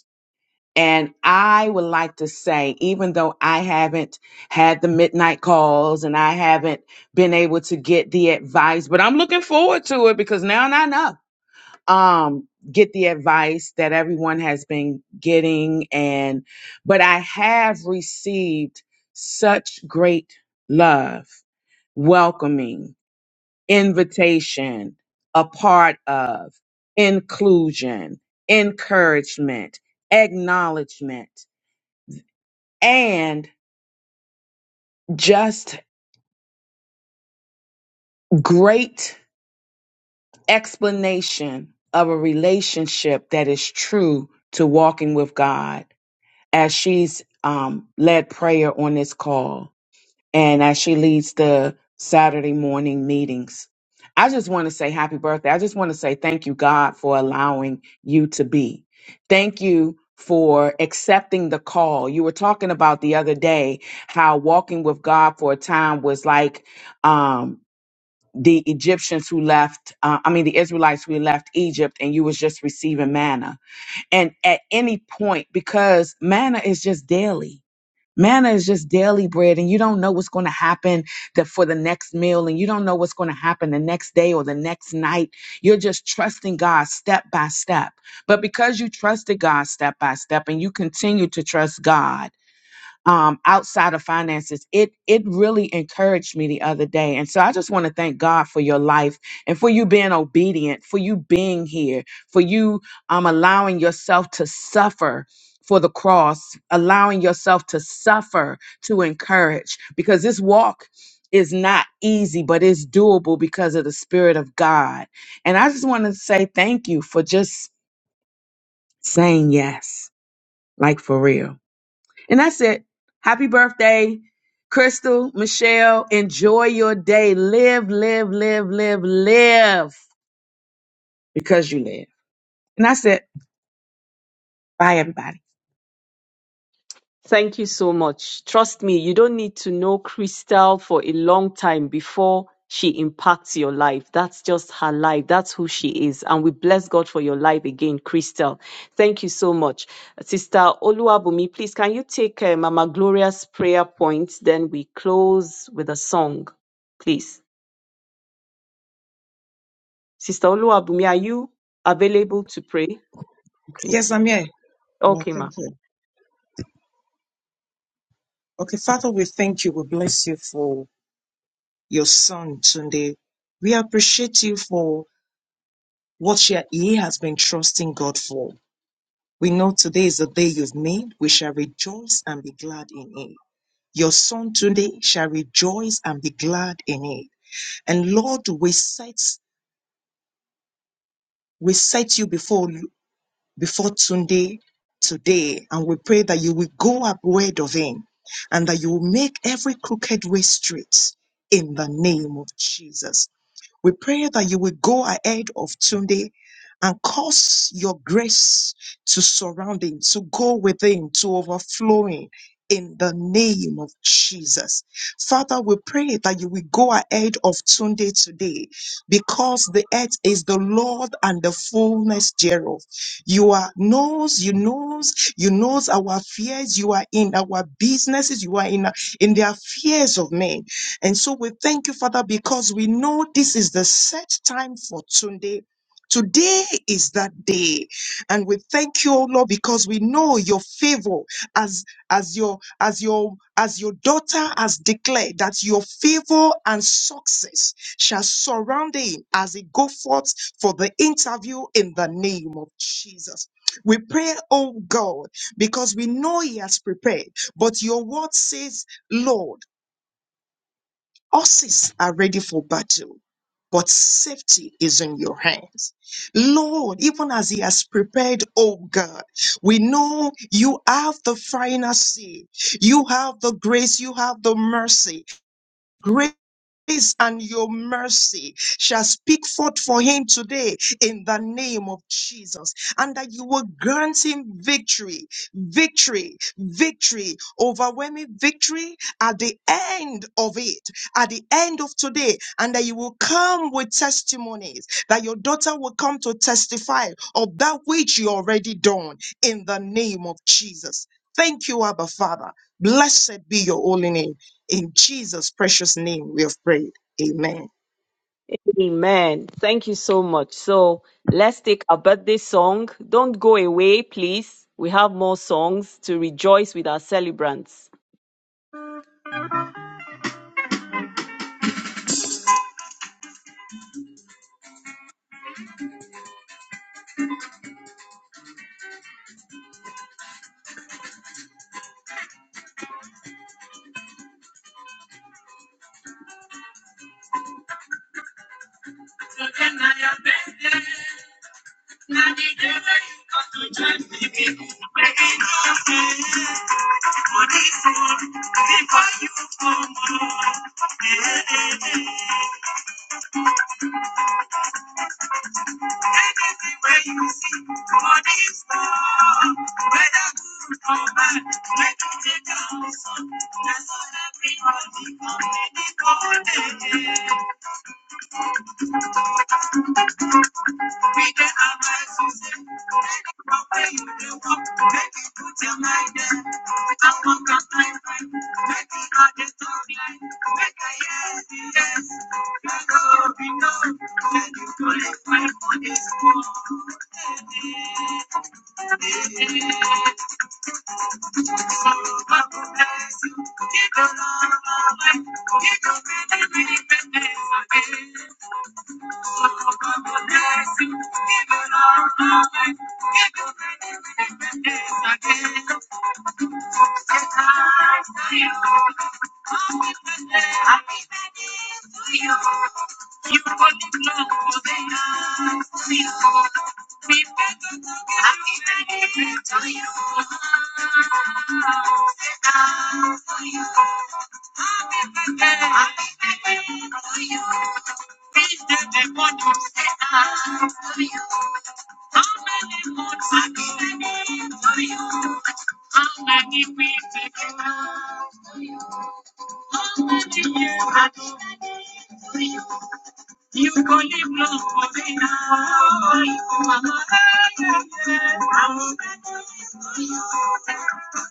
And I would like to say, even though I haven't had the midnight calls and I haven't been able to get the advice, but I'm looking forward to it because now I know. Um, get the advice that everyone has been getting and but I have received such great love, welcoming, invitation, a part of, inclusion, encouragement, acknowledgement and just great explanation of a relationship that is true to walking with God as she's um, led prayer on this call and as she leads the Saturday morning meetings. I just want to say happy birthday. I just want to say thank you, God, for allowing you to be. Thank you for accepting the call. You were talking about the other day how walking with God for a time was like, um, the Egyptians who left, uh, I mean, the Israelites who left Egypt, and you was just receiving manna. And at any point, because manna is just daily. Manna is just daily bread, and you don't know what's going to happen the, for the next meal, and you don't know what's going to happen the next day or the next night. You're just trusting God step by step. But because you trusted God step by step, and you continue to trust God, um, outside of finances, it it really encouraged me the other day. And so I just want to thank God for your life and for you being obedient, for you being here, for you um, allowing yourself to suffer for the cross, allowing yourself to suffer to encourage, because this walk is not easy, but it's doable because of the Spirit of God. And I just want to say thank you for just saying yes, like for real. And that's it. Happy birthday, Crystal, Michelle. Enjoy your day. Live, live, live, live, live because you live. And that's it. Bye, everybody. Thank you so much. Trust me, you don't need to know Crystal for a long time before she impacts your life. That's just her life. That's who she is. And we bless God for your life again, Crystal. Thank you so much. Sister Oluwabumi, please, can you take uh, Mama Gloria's prayer point? Then we close with a song, please. Sister Oluwabumi, are you available to pray? Okay. Yes, I'm here. Well, Okay, ma. thank you. Okay, Father, we thank you. We bless you for your son today. We appreciate you for what she- he has been trusting God for. We know today is the day you've made. We shall rejoice and be glad in it. Your son today shall rejoice and be glad in it. And Lord, we set we set you before before Sunday today, and we pray that you will go up of him and that you will make every crooked way straight in the name of Jesus. We pray that you will go ahead of Tunde and cause your grace to surround him, to go with him, to overflowing in the name of Jesus. Father, we pray that you will go ahead of Tunde today because the earth is the Lord and the fullness thereof. You are knows, you knows, you knows our fears. You are in our businesses. You are in, in the affairs of men. And so we thank you, Father, because we know this is the set time for Sunday. Today is that day. And we thank you, O Lord, because we know your favor as as your as your as your daughter has declared that your favor and success shall surround him as he go forth for the interview in the name of Jesus. We pray, oh God, because we know he has prepared, but your word says, Lord. Horses are ready for battle, but safety is in your hands. Lord, even as He has prepared, oh God, we know you have the final say, you have the grace, you have the mercy grace and your mercy shall speak forth for him today in the name of Jesus, and that you will grant him victory, victory, victory, overwhelming victory at the end of it, at the end of today, and that you will come with testimonies, that your daughter will come to testify of that which you already done in the name of Jesus. Thank you, Abba Father. Blessed be your holy name. In Jesus' precious name, we have prayed. Amen. Amen. Thank you so much. So let's take our birthday song. Don't go away, please. We have more songs to rejoice with our celebrants. Take Everywhere you see, God is Lord. Whether good or bad, make you take a lesson. That's all everybody come in the garden. Be the advice you Take a way you do walk. Make you put your mind there. I'm on the timeline. Make it not the storyline. Make a yes, yes. Make go, be know. Let you go, qualify for this one. Happy birthday to you. How many times do you? How many days do you? How many months have you? How many weeks have you? How many years have you? You call it love, but it's not.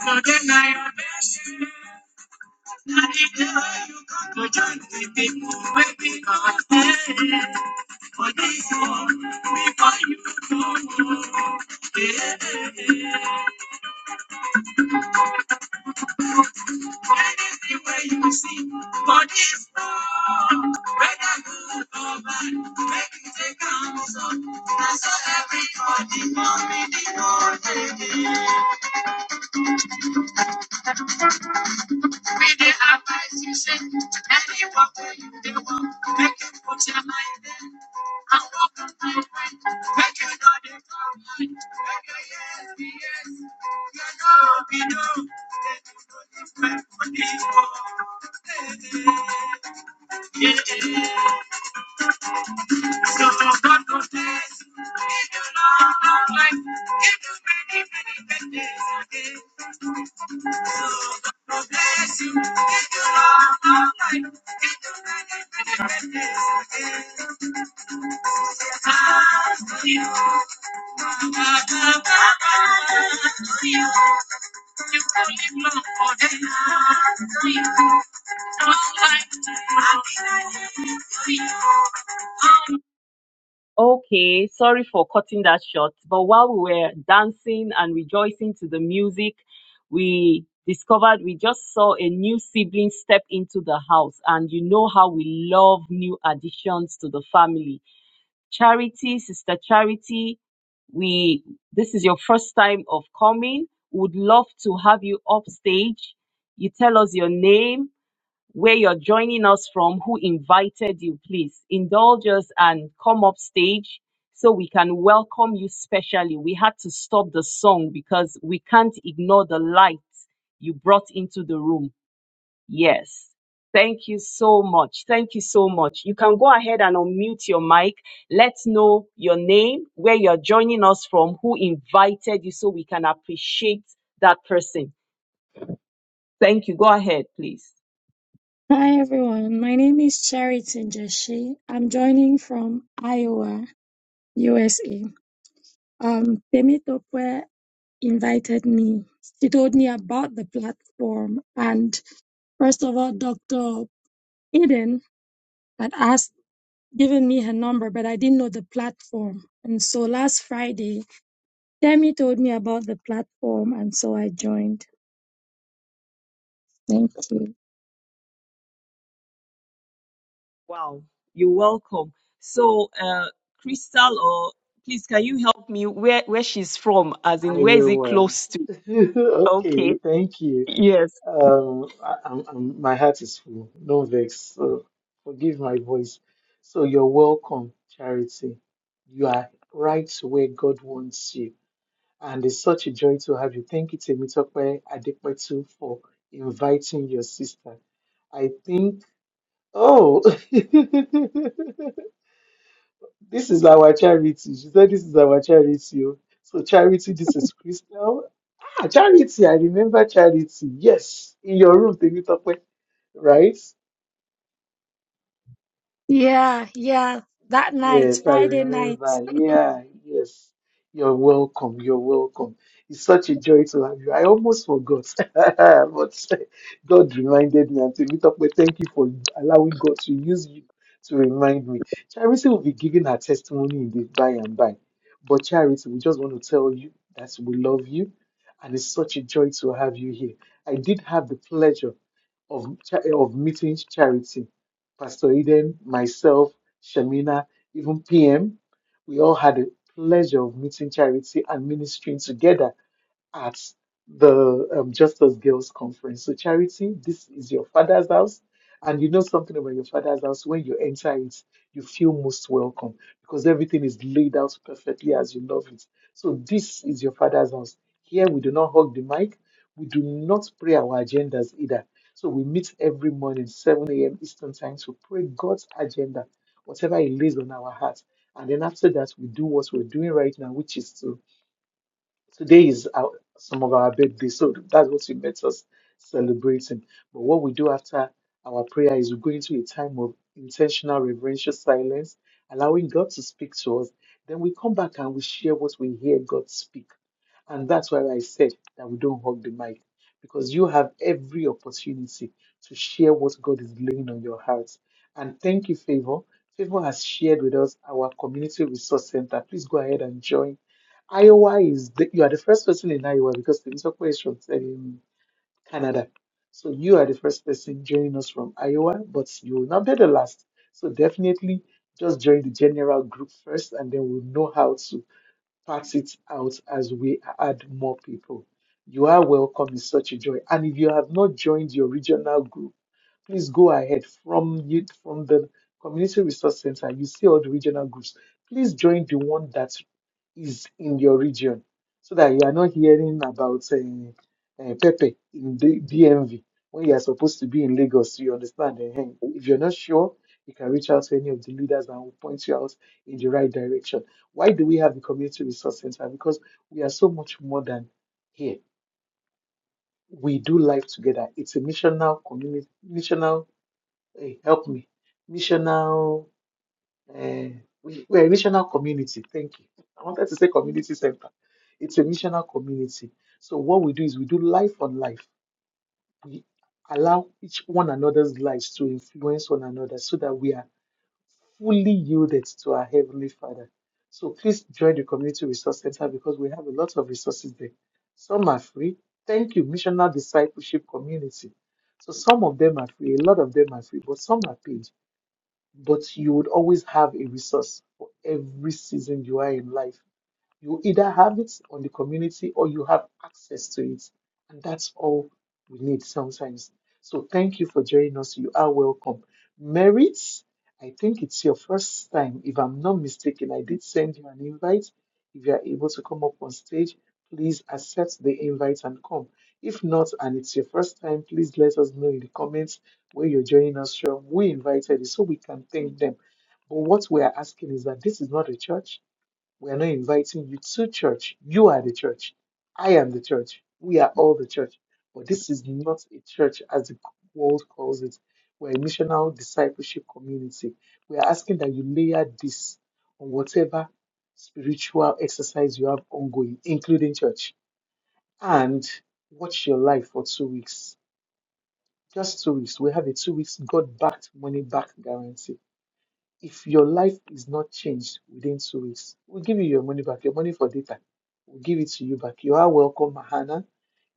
For For the I you. you. You you come to join the people with me, this this one, we find you to go, And see, for this world, whether good or bad, make it a counsel. And So, Everybody, mommy, the morning. Many are my season, and you walk where you they walk. Make you put your mind there, and walk my mind. Make you know the God, make your yes be yes, your no be no. They do not different for the world. Yeah, yeah. So don't God knows this. He do not know life. He do many, many bad things again. So God will bless you. He do not know life. He do many, many bad things again. As to you, Baba, to you. You only long for them. As to you, all life. Happy to you. Okay, sorry for cutting that short, but while we were dancing and rejoicing to the music, we discovered we just saw a new sibling step into the house, and you know how we love new additions to the family. Charity, Sister Charity, we this is your first time of coming. Would love to have you upstage. You tell us your name, where you're joining us from, who invited you, please indulge us and come up stage so we can welcome you specially. We had to stop the song because we can't ignore the light you brought into the room. Yes. Thank you so much. Thank you so much. You can go ahead and unmute your mic. Let's know your name, where you're joining us from, who invited you so we can appreciate that person. Thank you. Go ahead, please. Hi everyone, my name is Charity Njeshi. I'm joining from Iowa, USA. Um, Temitope invited me. She told me about the platform, and first of all, Dr. Eden had asked, given me her number, but I didn't know the platform. And so last Friday, Temi told me about the platform, and so I joined. Thank you. Wow, you're welcome. So, uh, Crystal, or please, can you help me where where she's from? As in, where is it Iowa. close to? okay, Okay. thank you. Yes. Um, I, I'm, I'm, my heart is full. No vex. So forgive my voice. So you're welcome, Charity. You are right where God wants you. And it's such a joy to have you. Thank you, Temitope Adepetu, for inviting your sister. I think, oh, this is our charity. She said, This is our charity. oh. So, charity, this is Crystal. Ah, Charity, I remember Charity. Yes, in your room, Temitope, right? Yeah, yeah. That night, Yes, I Friday night. remember. Yeah, yes. You're welcome. You're welcome. It's such a joy to have you. I almost forgot, but God reminded me. And to meet up with, thank you for allowing God to use you to remind me. Charity will be giving her testimony in the by and by. But Charity, we just want to tell you that we love you, and it's such a joy to have you here. I did have the pleasure of cha- of meeting Charity, Pastor Eden, myself. Shamina even PM, we all had the pleasure of meeting Charity and ministering together at the um, Justice Girls Conference. So, Charity, this is your father's house. And you know something about your father's house. When you enter it, you feel most welcome because everything is laid out perfectly as you love it. So, this is your father's house. Here, we do not hug the mic. We do not pray our agendas either. So, we meet every morning, 7 a.m. Eastern Time, to pray God's agenda, whatever He lays on our hearts. And then after that, we do what we're doing right now, which is to Today is our, some of our birthdays, so that's what you met us celebrating. But what we do after our prayer is we go into a time of intentional reverential silence, allowing God to speak to us. Then we come back and we share what we hear God speak. And that's why I said that we don't hug the mic, because you have every opportunity to share what God is laying on your heart. And thank you, Favor. Favor has shared with us our community resource center. Please go ahead and join Iowa is the, you are the first person in Iowa because Temitope is from um, Canada. So you are the first person joining us from Iowa, but you will not be the last. So definitely just join the general group first and then we'll know how to pass it out as we add more people. You are welcome. It's such a joy. And if you have not joined your regional group, please go ahead from you from the community resource center you see all the regional groups please join the one that is in your region so that you are not hearing about uh, uh, pepe in the dmv when you are supposed to be in lagos you understand eh? eh. if you're not sure you can reach out to any of the leaders and will point you out in the right direction why do we have the community resource center because we are so much more than here we do life together it's a missional community missional Hey, help me. Missional, uh, we, we're a missional community. Thank you. I wanted to say community center. It's a missional community. So what we do is we do life on life. We allow each one another's lives to influence one another so that we are fully yielded to our Heavenly Father. So please join the Community Resource Center because we have a lot of resources there. Some are free. Thank you, Missional Discipleship Community. So some of them are free, a lot of them are free, but some are paid but you would always have a resource for every season you are in life. You either have it on the community or you have access to it. And that's all we need sometimes. So thank you for joining us. You are welcome. Merit, I think it's your first time. If I'm not mistaken, I did send you an invite. If you are able to come up on stage, please accept the invite and come. If not, and it's your first time, please let us know in the comments where you're joining us from. We invited you so we can thank them. But what we are asking is that this is not a church we are not inviting you to church. You are the church. I am the church. We are all the church. But this is not a church as the world calls it. We're a missional discipleship community. We are asking that you layer this on whatever spiritual exercise you have ongoing, including church. And watch your life for two weeks. Just two weeks. We have a two weeks God backed money back guarantee if your life is not changed within two weeks, we'll give you your money back, your money for data. We'll give it to you back. You are welcome, Mahana.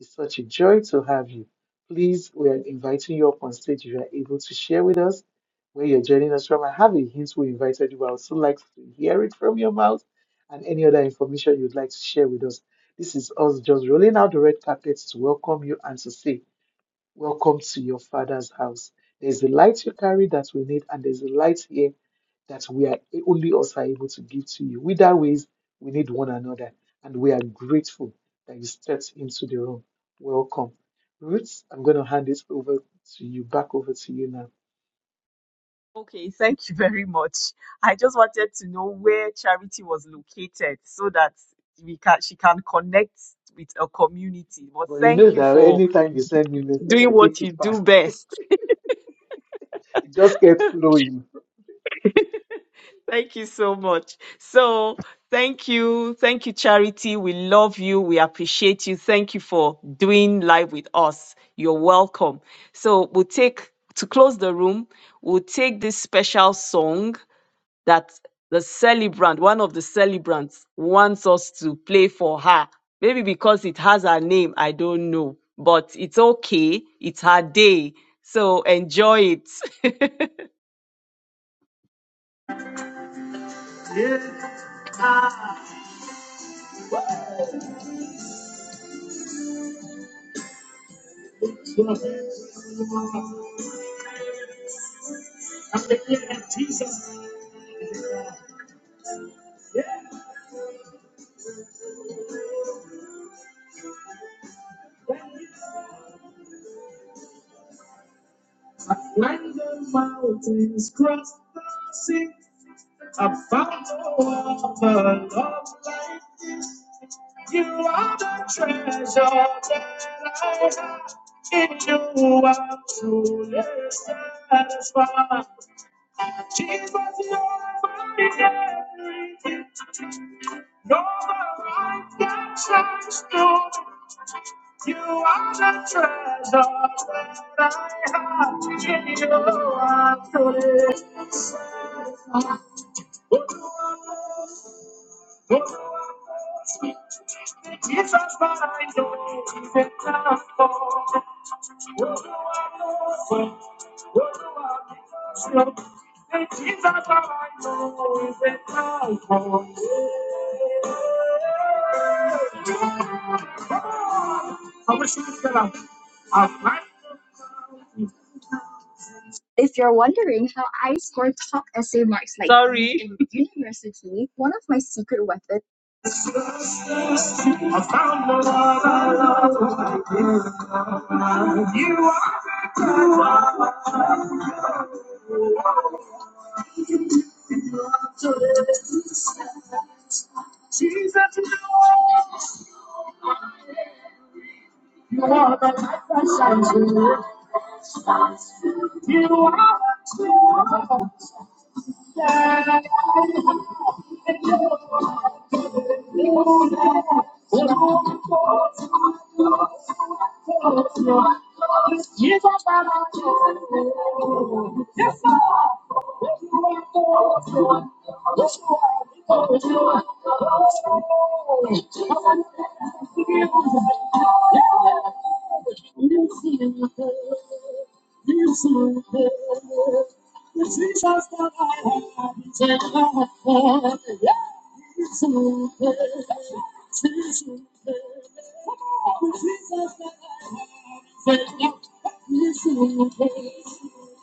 It's such a joy to have you. Please, we are inviting you up on stage if you are able to share with us where you're joining us from. I have a hint we invited you, but I would still like to hear it from your mouth and any other information you'd like to share with us. This is us just rolling out the red carpet to welcome you and to say Welcome to your father's house. There's a light you carry that we need, and there's a light here that we are only us are able to give to you. Either ways, we need one another, and we are grateful that you stepped into the room. Welcome. Ruth, I'm going to hand it over to you, back over to you now. Okay. Thank you very much. I just wanted to know where Charity was located so that we can she can connect with a community. But But you know thank you that for anytime you send me message, I doing what take you it do fast. best. It just kept flowing. Thank you so much. So, thank you. Thank you, Charity. We love you. We appreciate you. Thank you for doing live with us. You're welcome. So, we'll take, to close the room, we'll take this special song that the celebrant, one of the celebrants, wants us to play for her. Maybe because it has her name, I don't know. But it's okay. It's her day. So, enjoy it. Yeah. I'm the name of Jesus. Yeah. I climbed the mountains, crossed the sea. I found the water, love like this. You are the treasure that I have. In you I'm truly satisfied. Jesus, you're my everything. No light can shine through. You are the treasure that I have in your arms today. Jesus, but I find you, even I fall. What do I know he's enough for. Jesus, but I know he's enough for. If you're wondering how I score top essay marks like Sorry. in university, one of my secret weapons.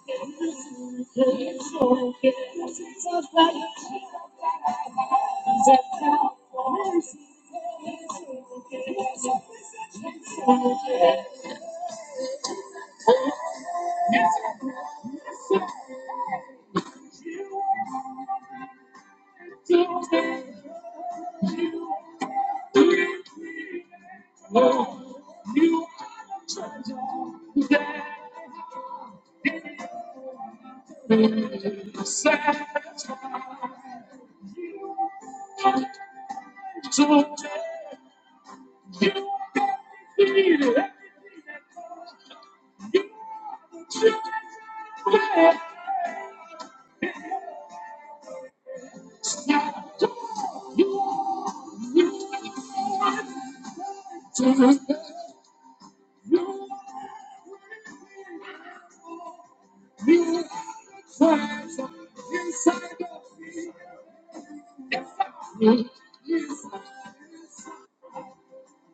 I'm not sad anymore.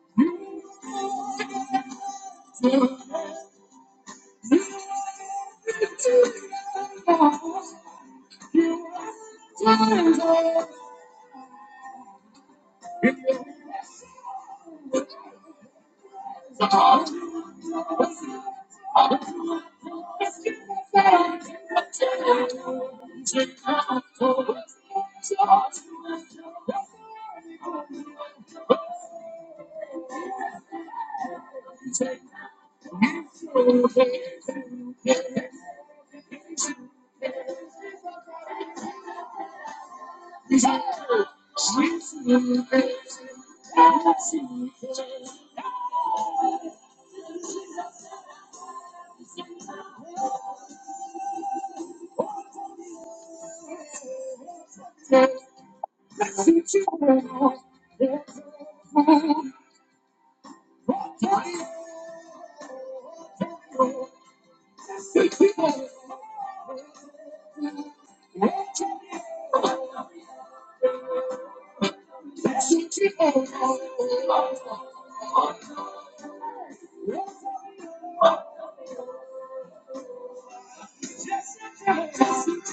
Thank you. I'm a little bit crazy.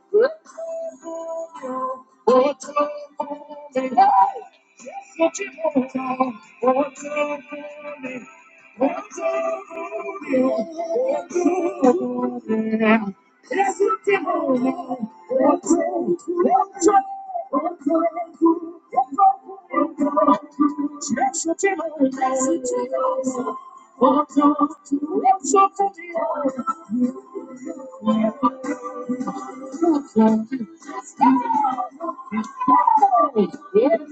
Thank you. There's nothing holding me. What can- what can- what can I do? What can I do? There's nothing holding me. What can I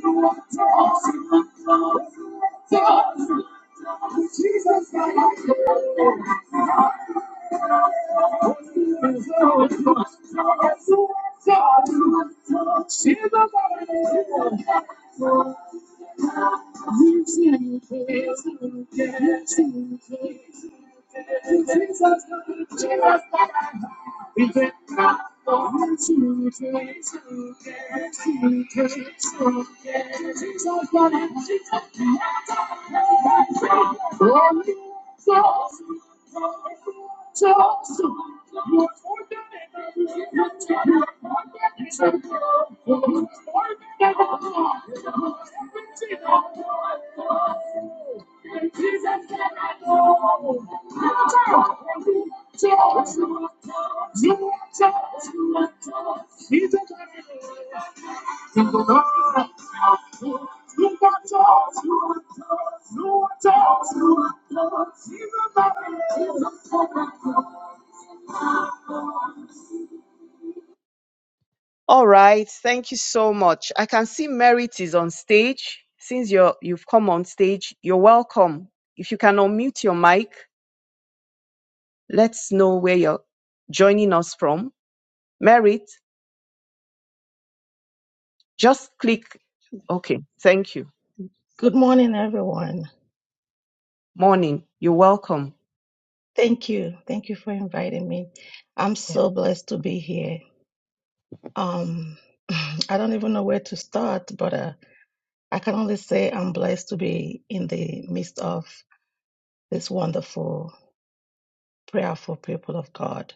do? What can I do? Jesus, my life. Jesus, Jesus, we get up on to Jesus, to get to get to get Jesus, Jesus, Jesus, Jesus, Jesus, all right, thank you so much. I can see Merit is on stage. Since you're you've come on stage, you're welcome. If you can unmute your mic, let's know where you're joining us from. Merit, just click. Okay, thank you. Good morning, everyone. Morning, you're welcome. Thank you. Thank you for inviting me. I'm Yeah. so blessed to be here. Um, I don't even know where to start, but uh, I can only say I'm blessed to be in the midst of this wonderful, prayerful people of God.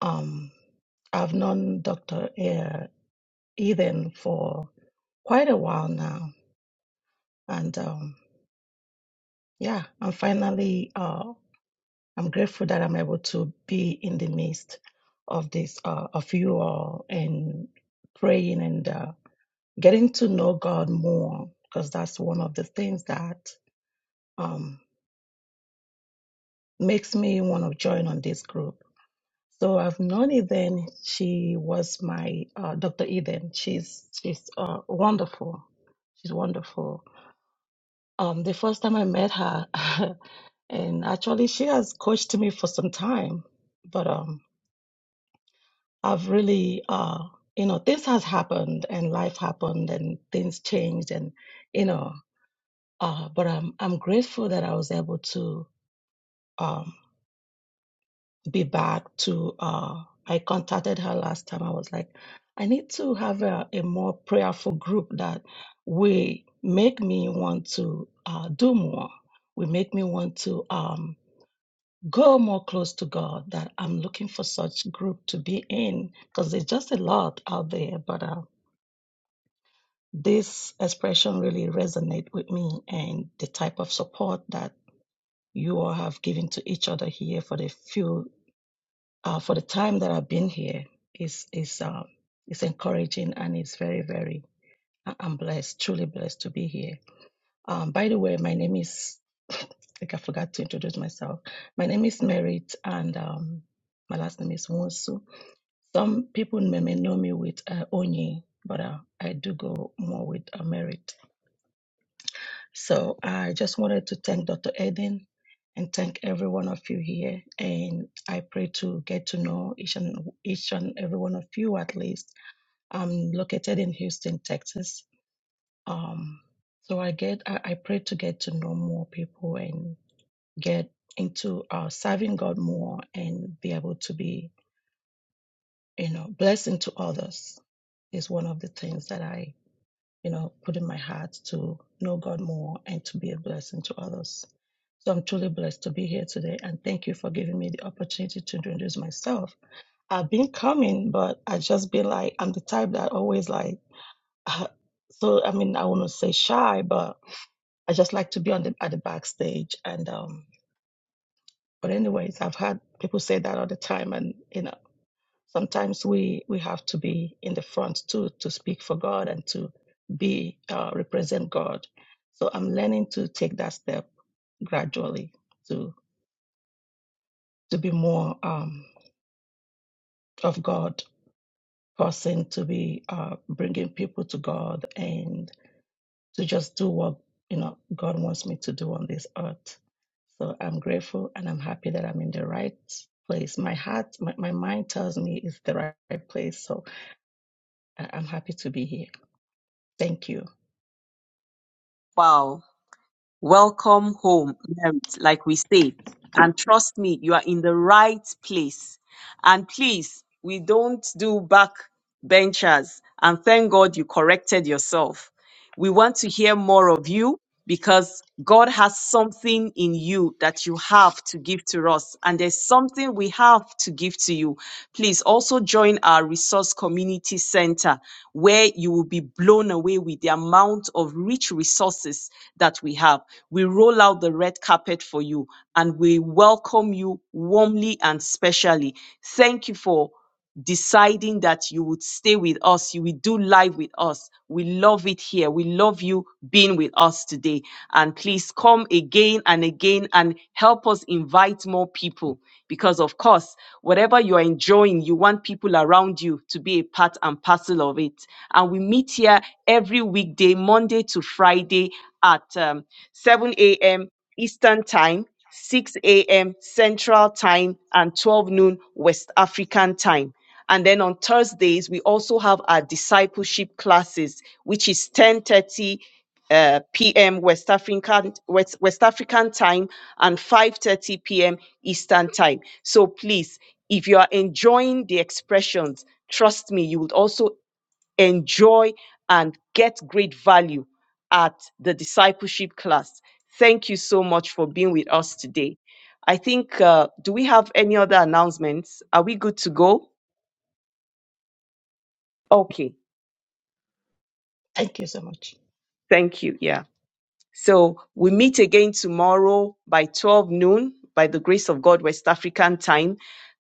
Um, I've known Dr. uh, Eden for quite a while now, and um, yeah, I'm finally. uh, I'm grateful that I'm able to be in the midst of this, uh, of you all, and praying and uh, getting to know God more, because that's one of the things that um, makes me want to join on this group. So I've known Eden. She was my uh, Dr. Eden. She's she's uh, wonderful. She's wonderful. Um, the first time I met her, and actually she has coached me for some time, but um, I've really, uh, you know, this has happened and life happened and things changed and, you know, uh, but I'm I'm grateful that I was able to um, be back to. Uh, I contacted her last time. I was like, I need to have a, a more prayerful group that will make me want to uh, do more. Will make me want to um, go more close to God. That I'm looking for such group to be in because there's just a lot out there, but. Uh, This expression really resonate with me and the type of support that you all have given to each other here for the few uh, for the time that I've been here is is um is encouraging and it's very very I- I'm blessed truly blessed to be here. Um, by the way, my name is like I forgot to introduce myself. My name is Merit and um, my last name is Wonsu. Some people may, may know me with uh, Onye, but uh, I do go more with uh, Merit. So I just wanted to thank Dr. Eden and thank every one of you here. And I pray to get to know each and each and every one of you at least. I'm located in Houston, Texas. Um, so I get I, I pray to get to know more people and get into uh, serving God more and be able to be you know blessing to others is one of the things that I you know, putting my heart to know God more and to be a blessing to others. So I'm truly blessed to be here today and thank you for giving me the opportunity to introduce myself. I've been coming, but i just been like, I'm the type that always like, uh, so I mean, I wouldn't say shy, but I just like to be on the at the backstage. And um, but anyways, I've had people say that all the time, and you know sometimes we we have to be in the front too to speak for God and to be uh, represent God. So I'm learning to take that step gradually to to be more um, of God person, to be uh, bringing people to God and to just do what you know God wants me to do on this earth. So I'm grateful and I'm happy that I'm in the right place. My heart, my, my mind tells me it's the right right place. So I- I'm happy to be here. Thank you. Wow. Welcome home, Merit, like we say. And trust me, you are in the right place. And please, we don't do back benchers. And thank God you corrected yourself. We want to hear more of you because God has something in you that you have to give to us, and there's something we have to give to you. Please also join our resource community center where you will be blown away with the amount of rich resources that we have. We roll out the red carpet for you and we welcome you warmly and specially. Thank you for deciding that you would stay with us, you will do live with us. We love it here. We love you being with us today. And please come again and again and help us invite more people because, of course, whatever you are enjoying, you want people around you to be a part and parcel of it. And we meet here every weekday, Monday to Friday at um, 7 a.m. Eastern Time. 6 a.m. Central Time and 12 noon West African Time. And then on Thursdays, we also have our discipleship classes, which is 10:30 uh, p.m. West African West, West African time and 5:30 p.m. Eastern time. So please, if you are enjoying the expressions, trust me, you would also enjoy and get great value at the discipleship class. Thank you so much for being with us today. I think, uh, do we have any other announcements? Are we good to go? Okay. Thank you so much. Thank you. Yeah. So we meet again tomorrow by 12 noon by the grace of God, West African time.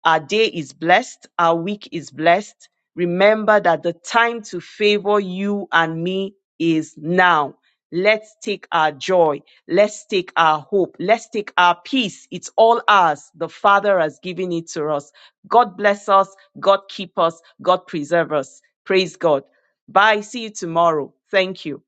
Our day is blessed. Our week is blessed. Remember that the time to favor you and me is now. Let's take our joy. Let's take our hope. Let's take our peace. It's all ours. The Father has given it to us. God bless us. God keep us. God preserve us. Praise God. Bye. See you tomorrow. Thank you.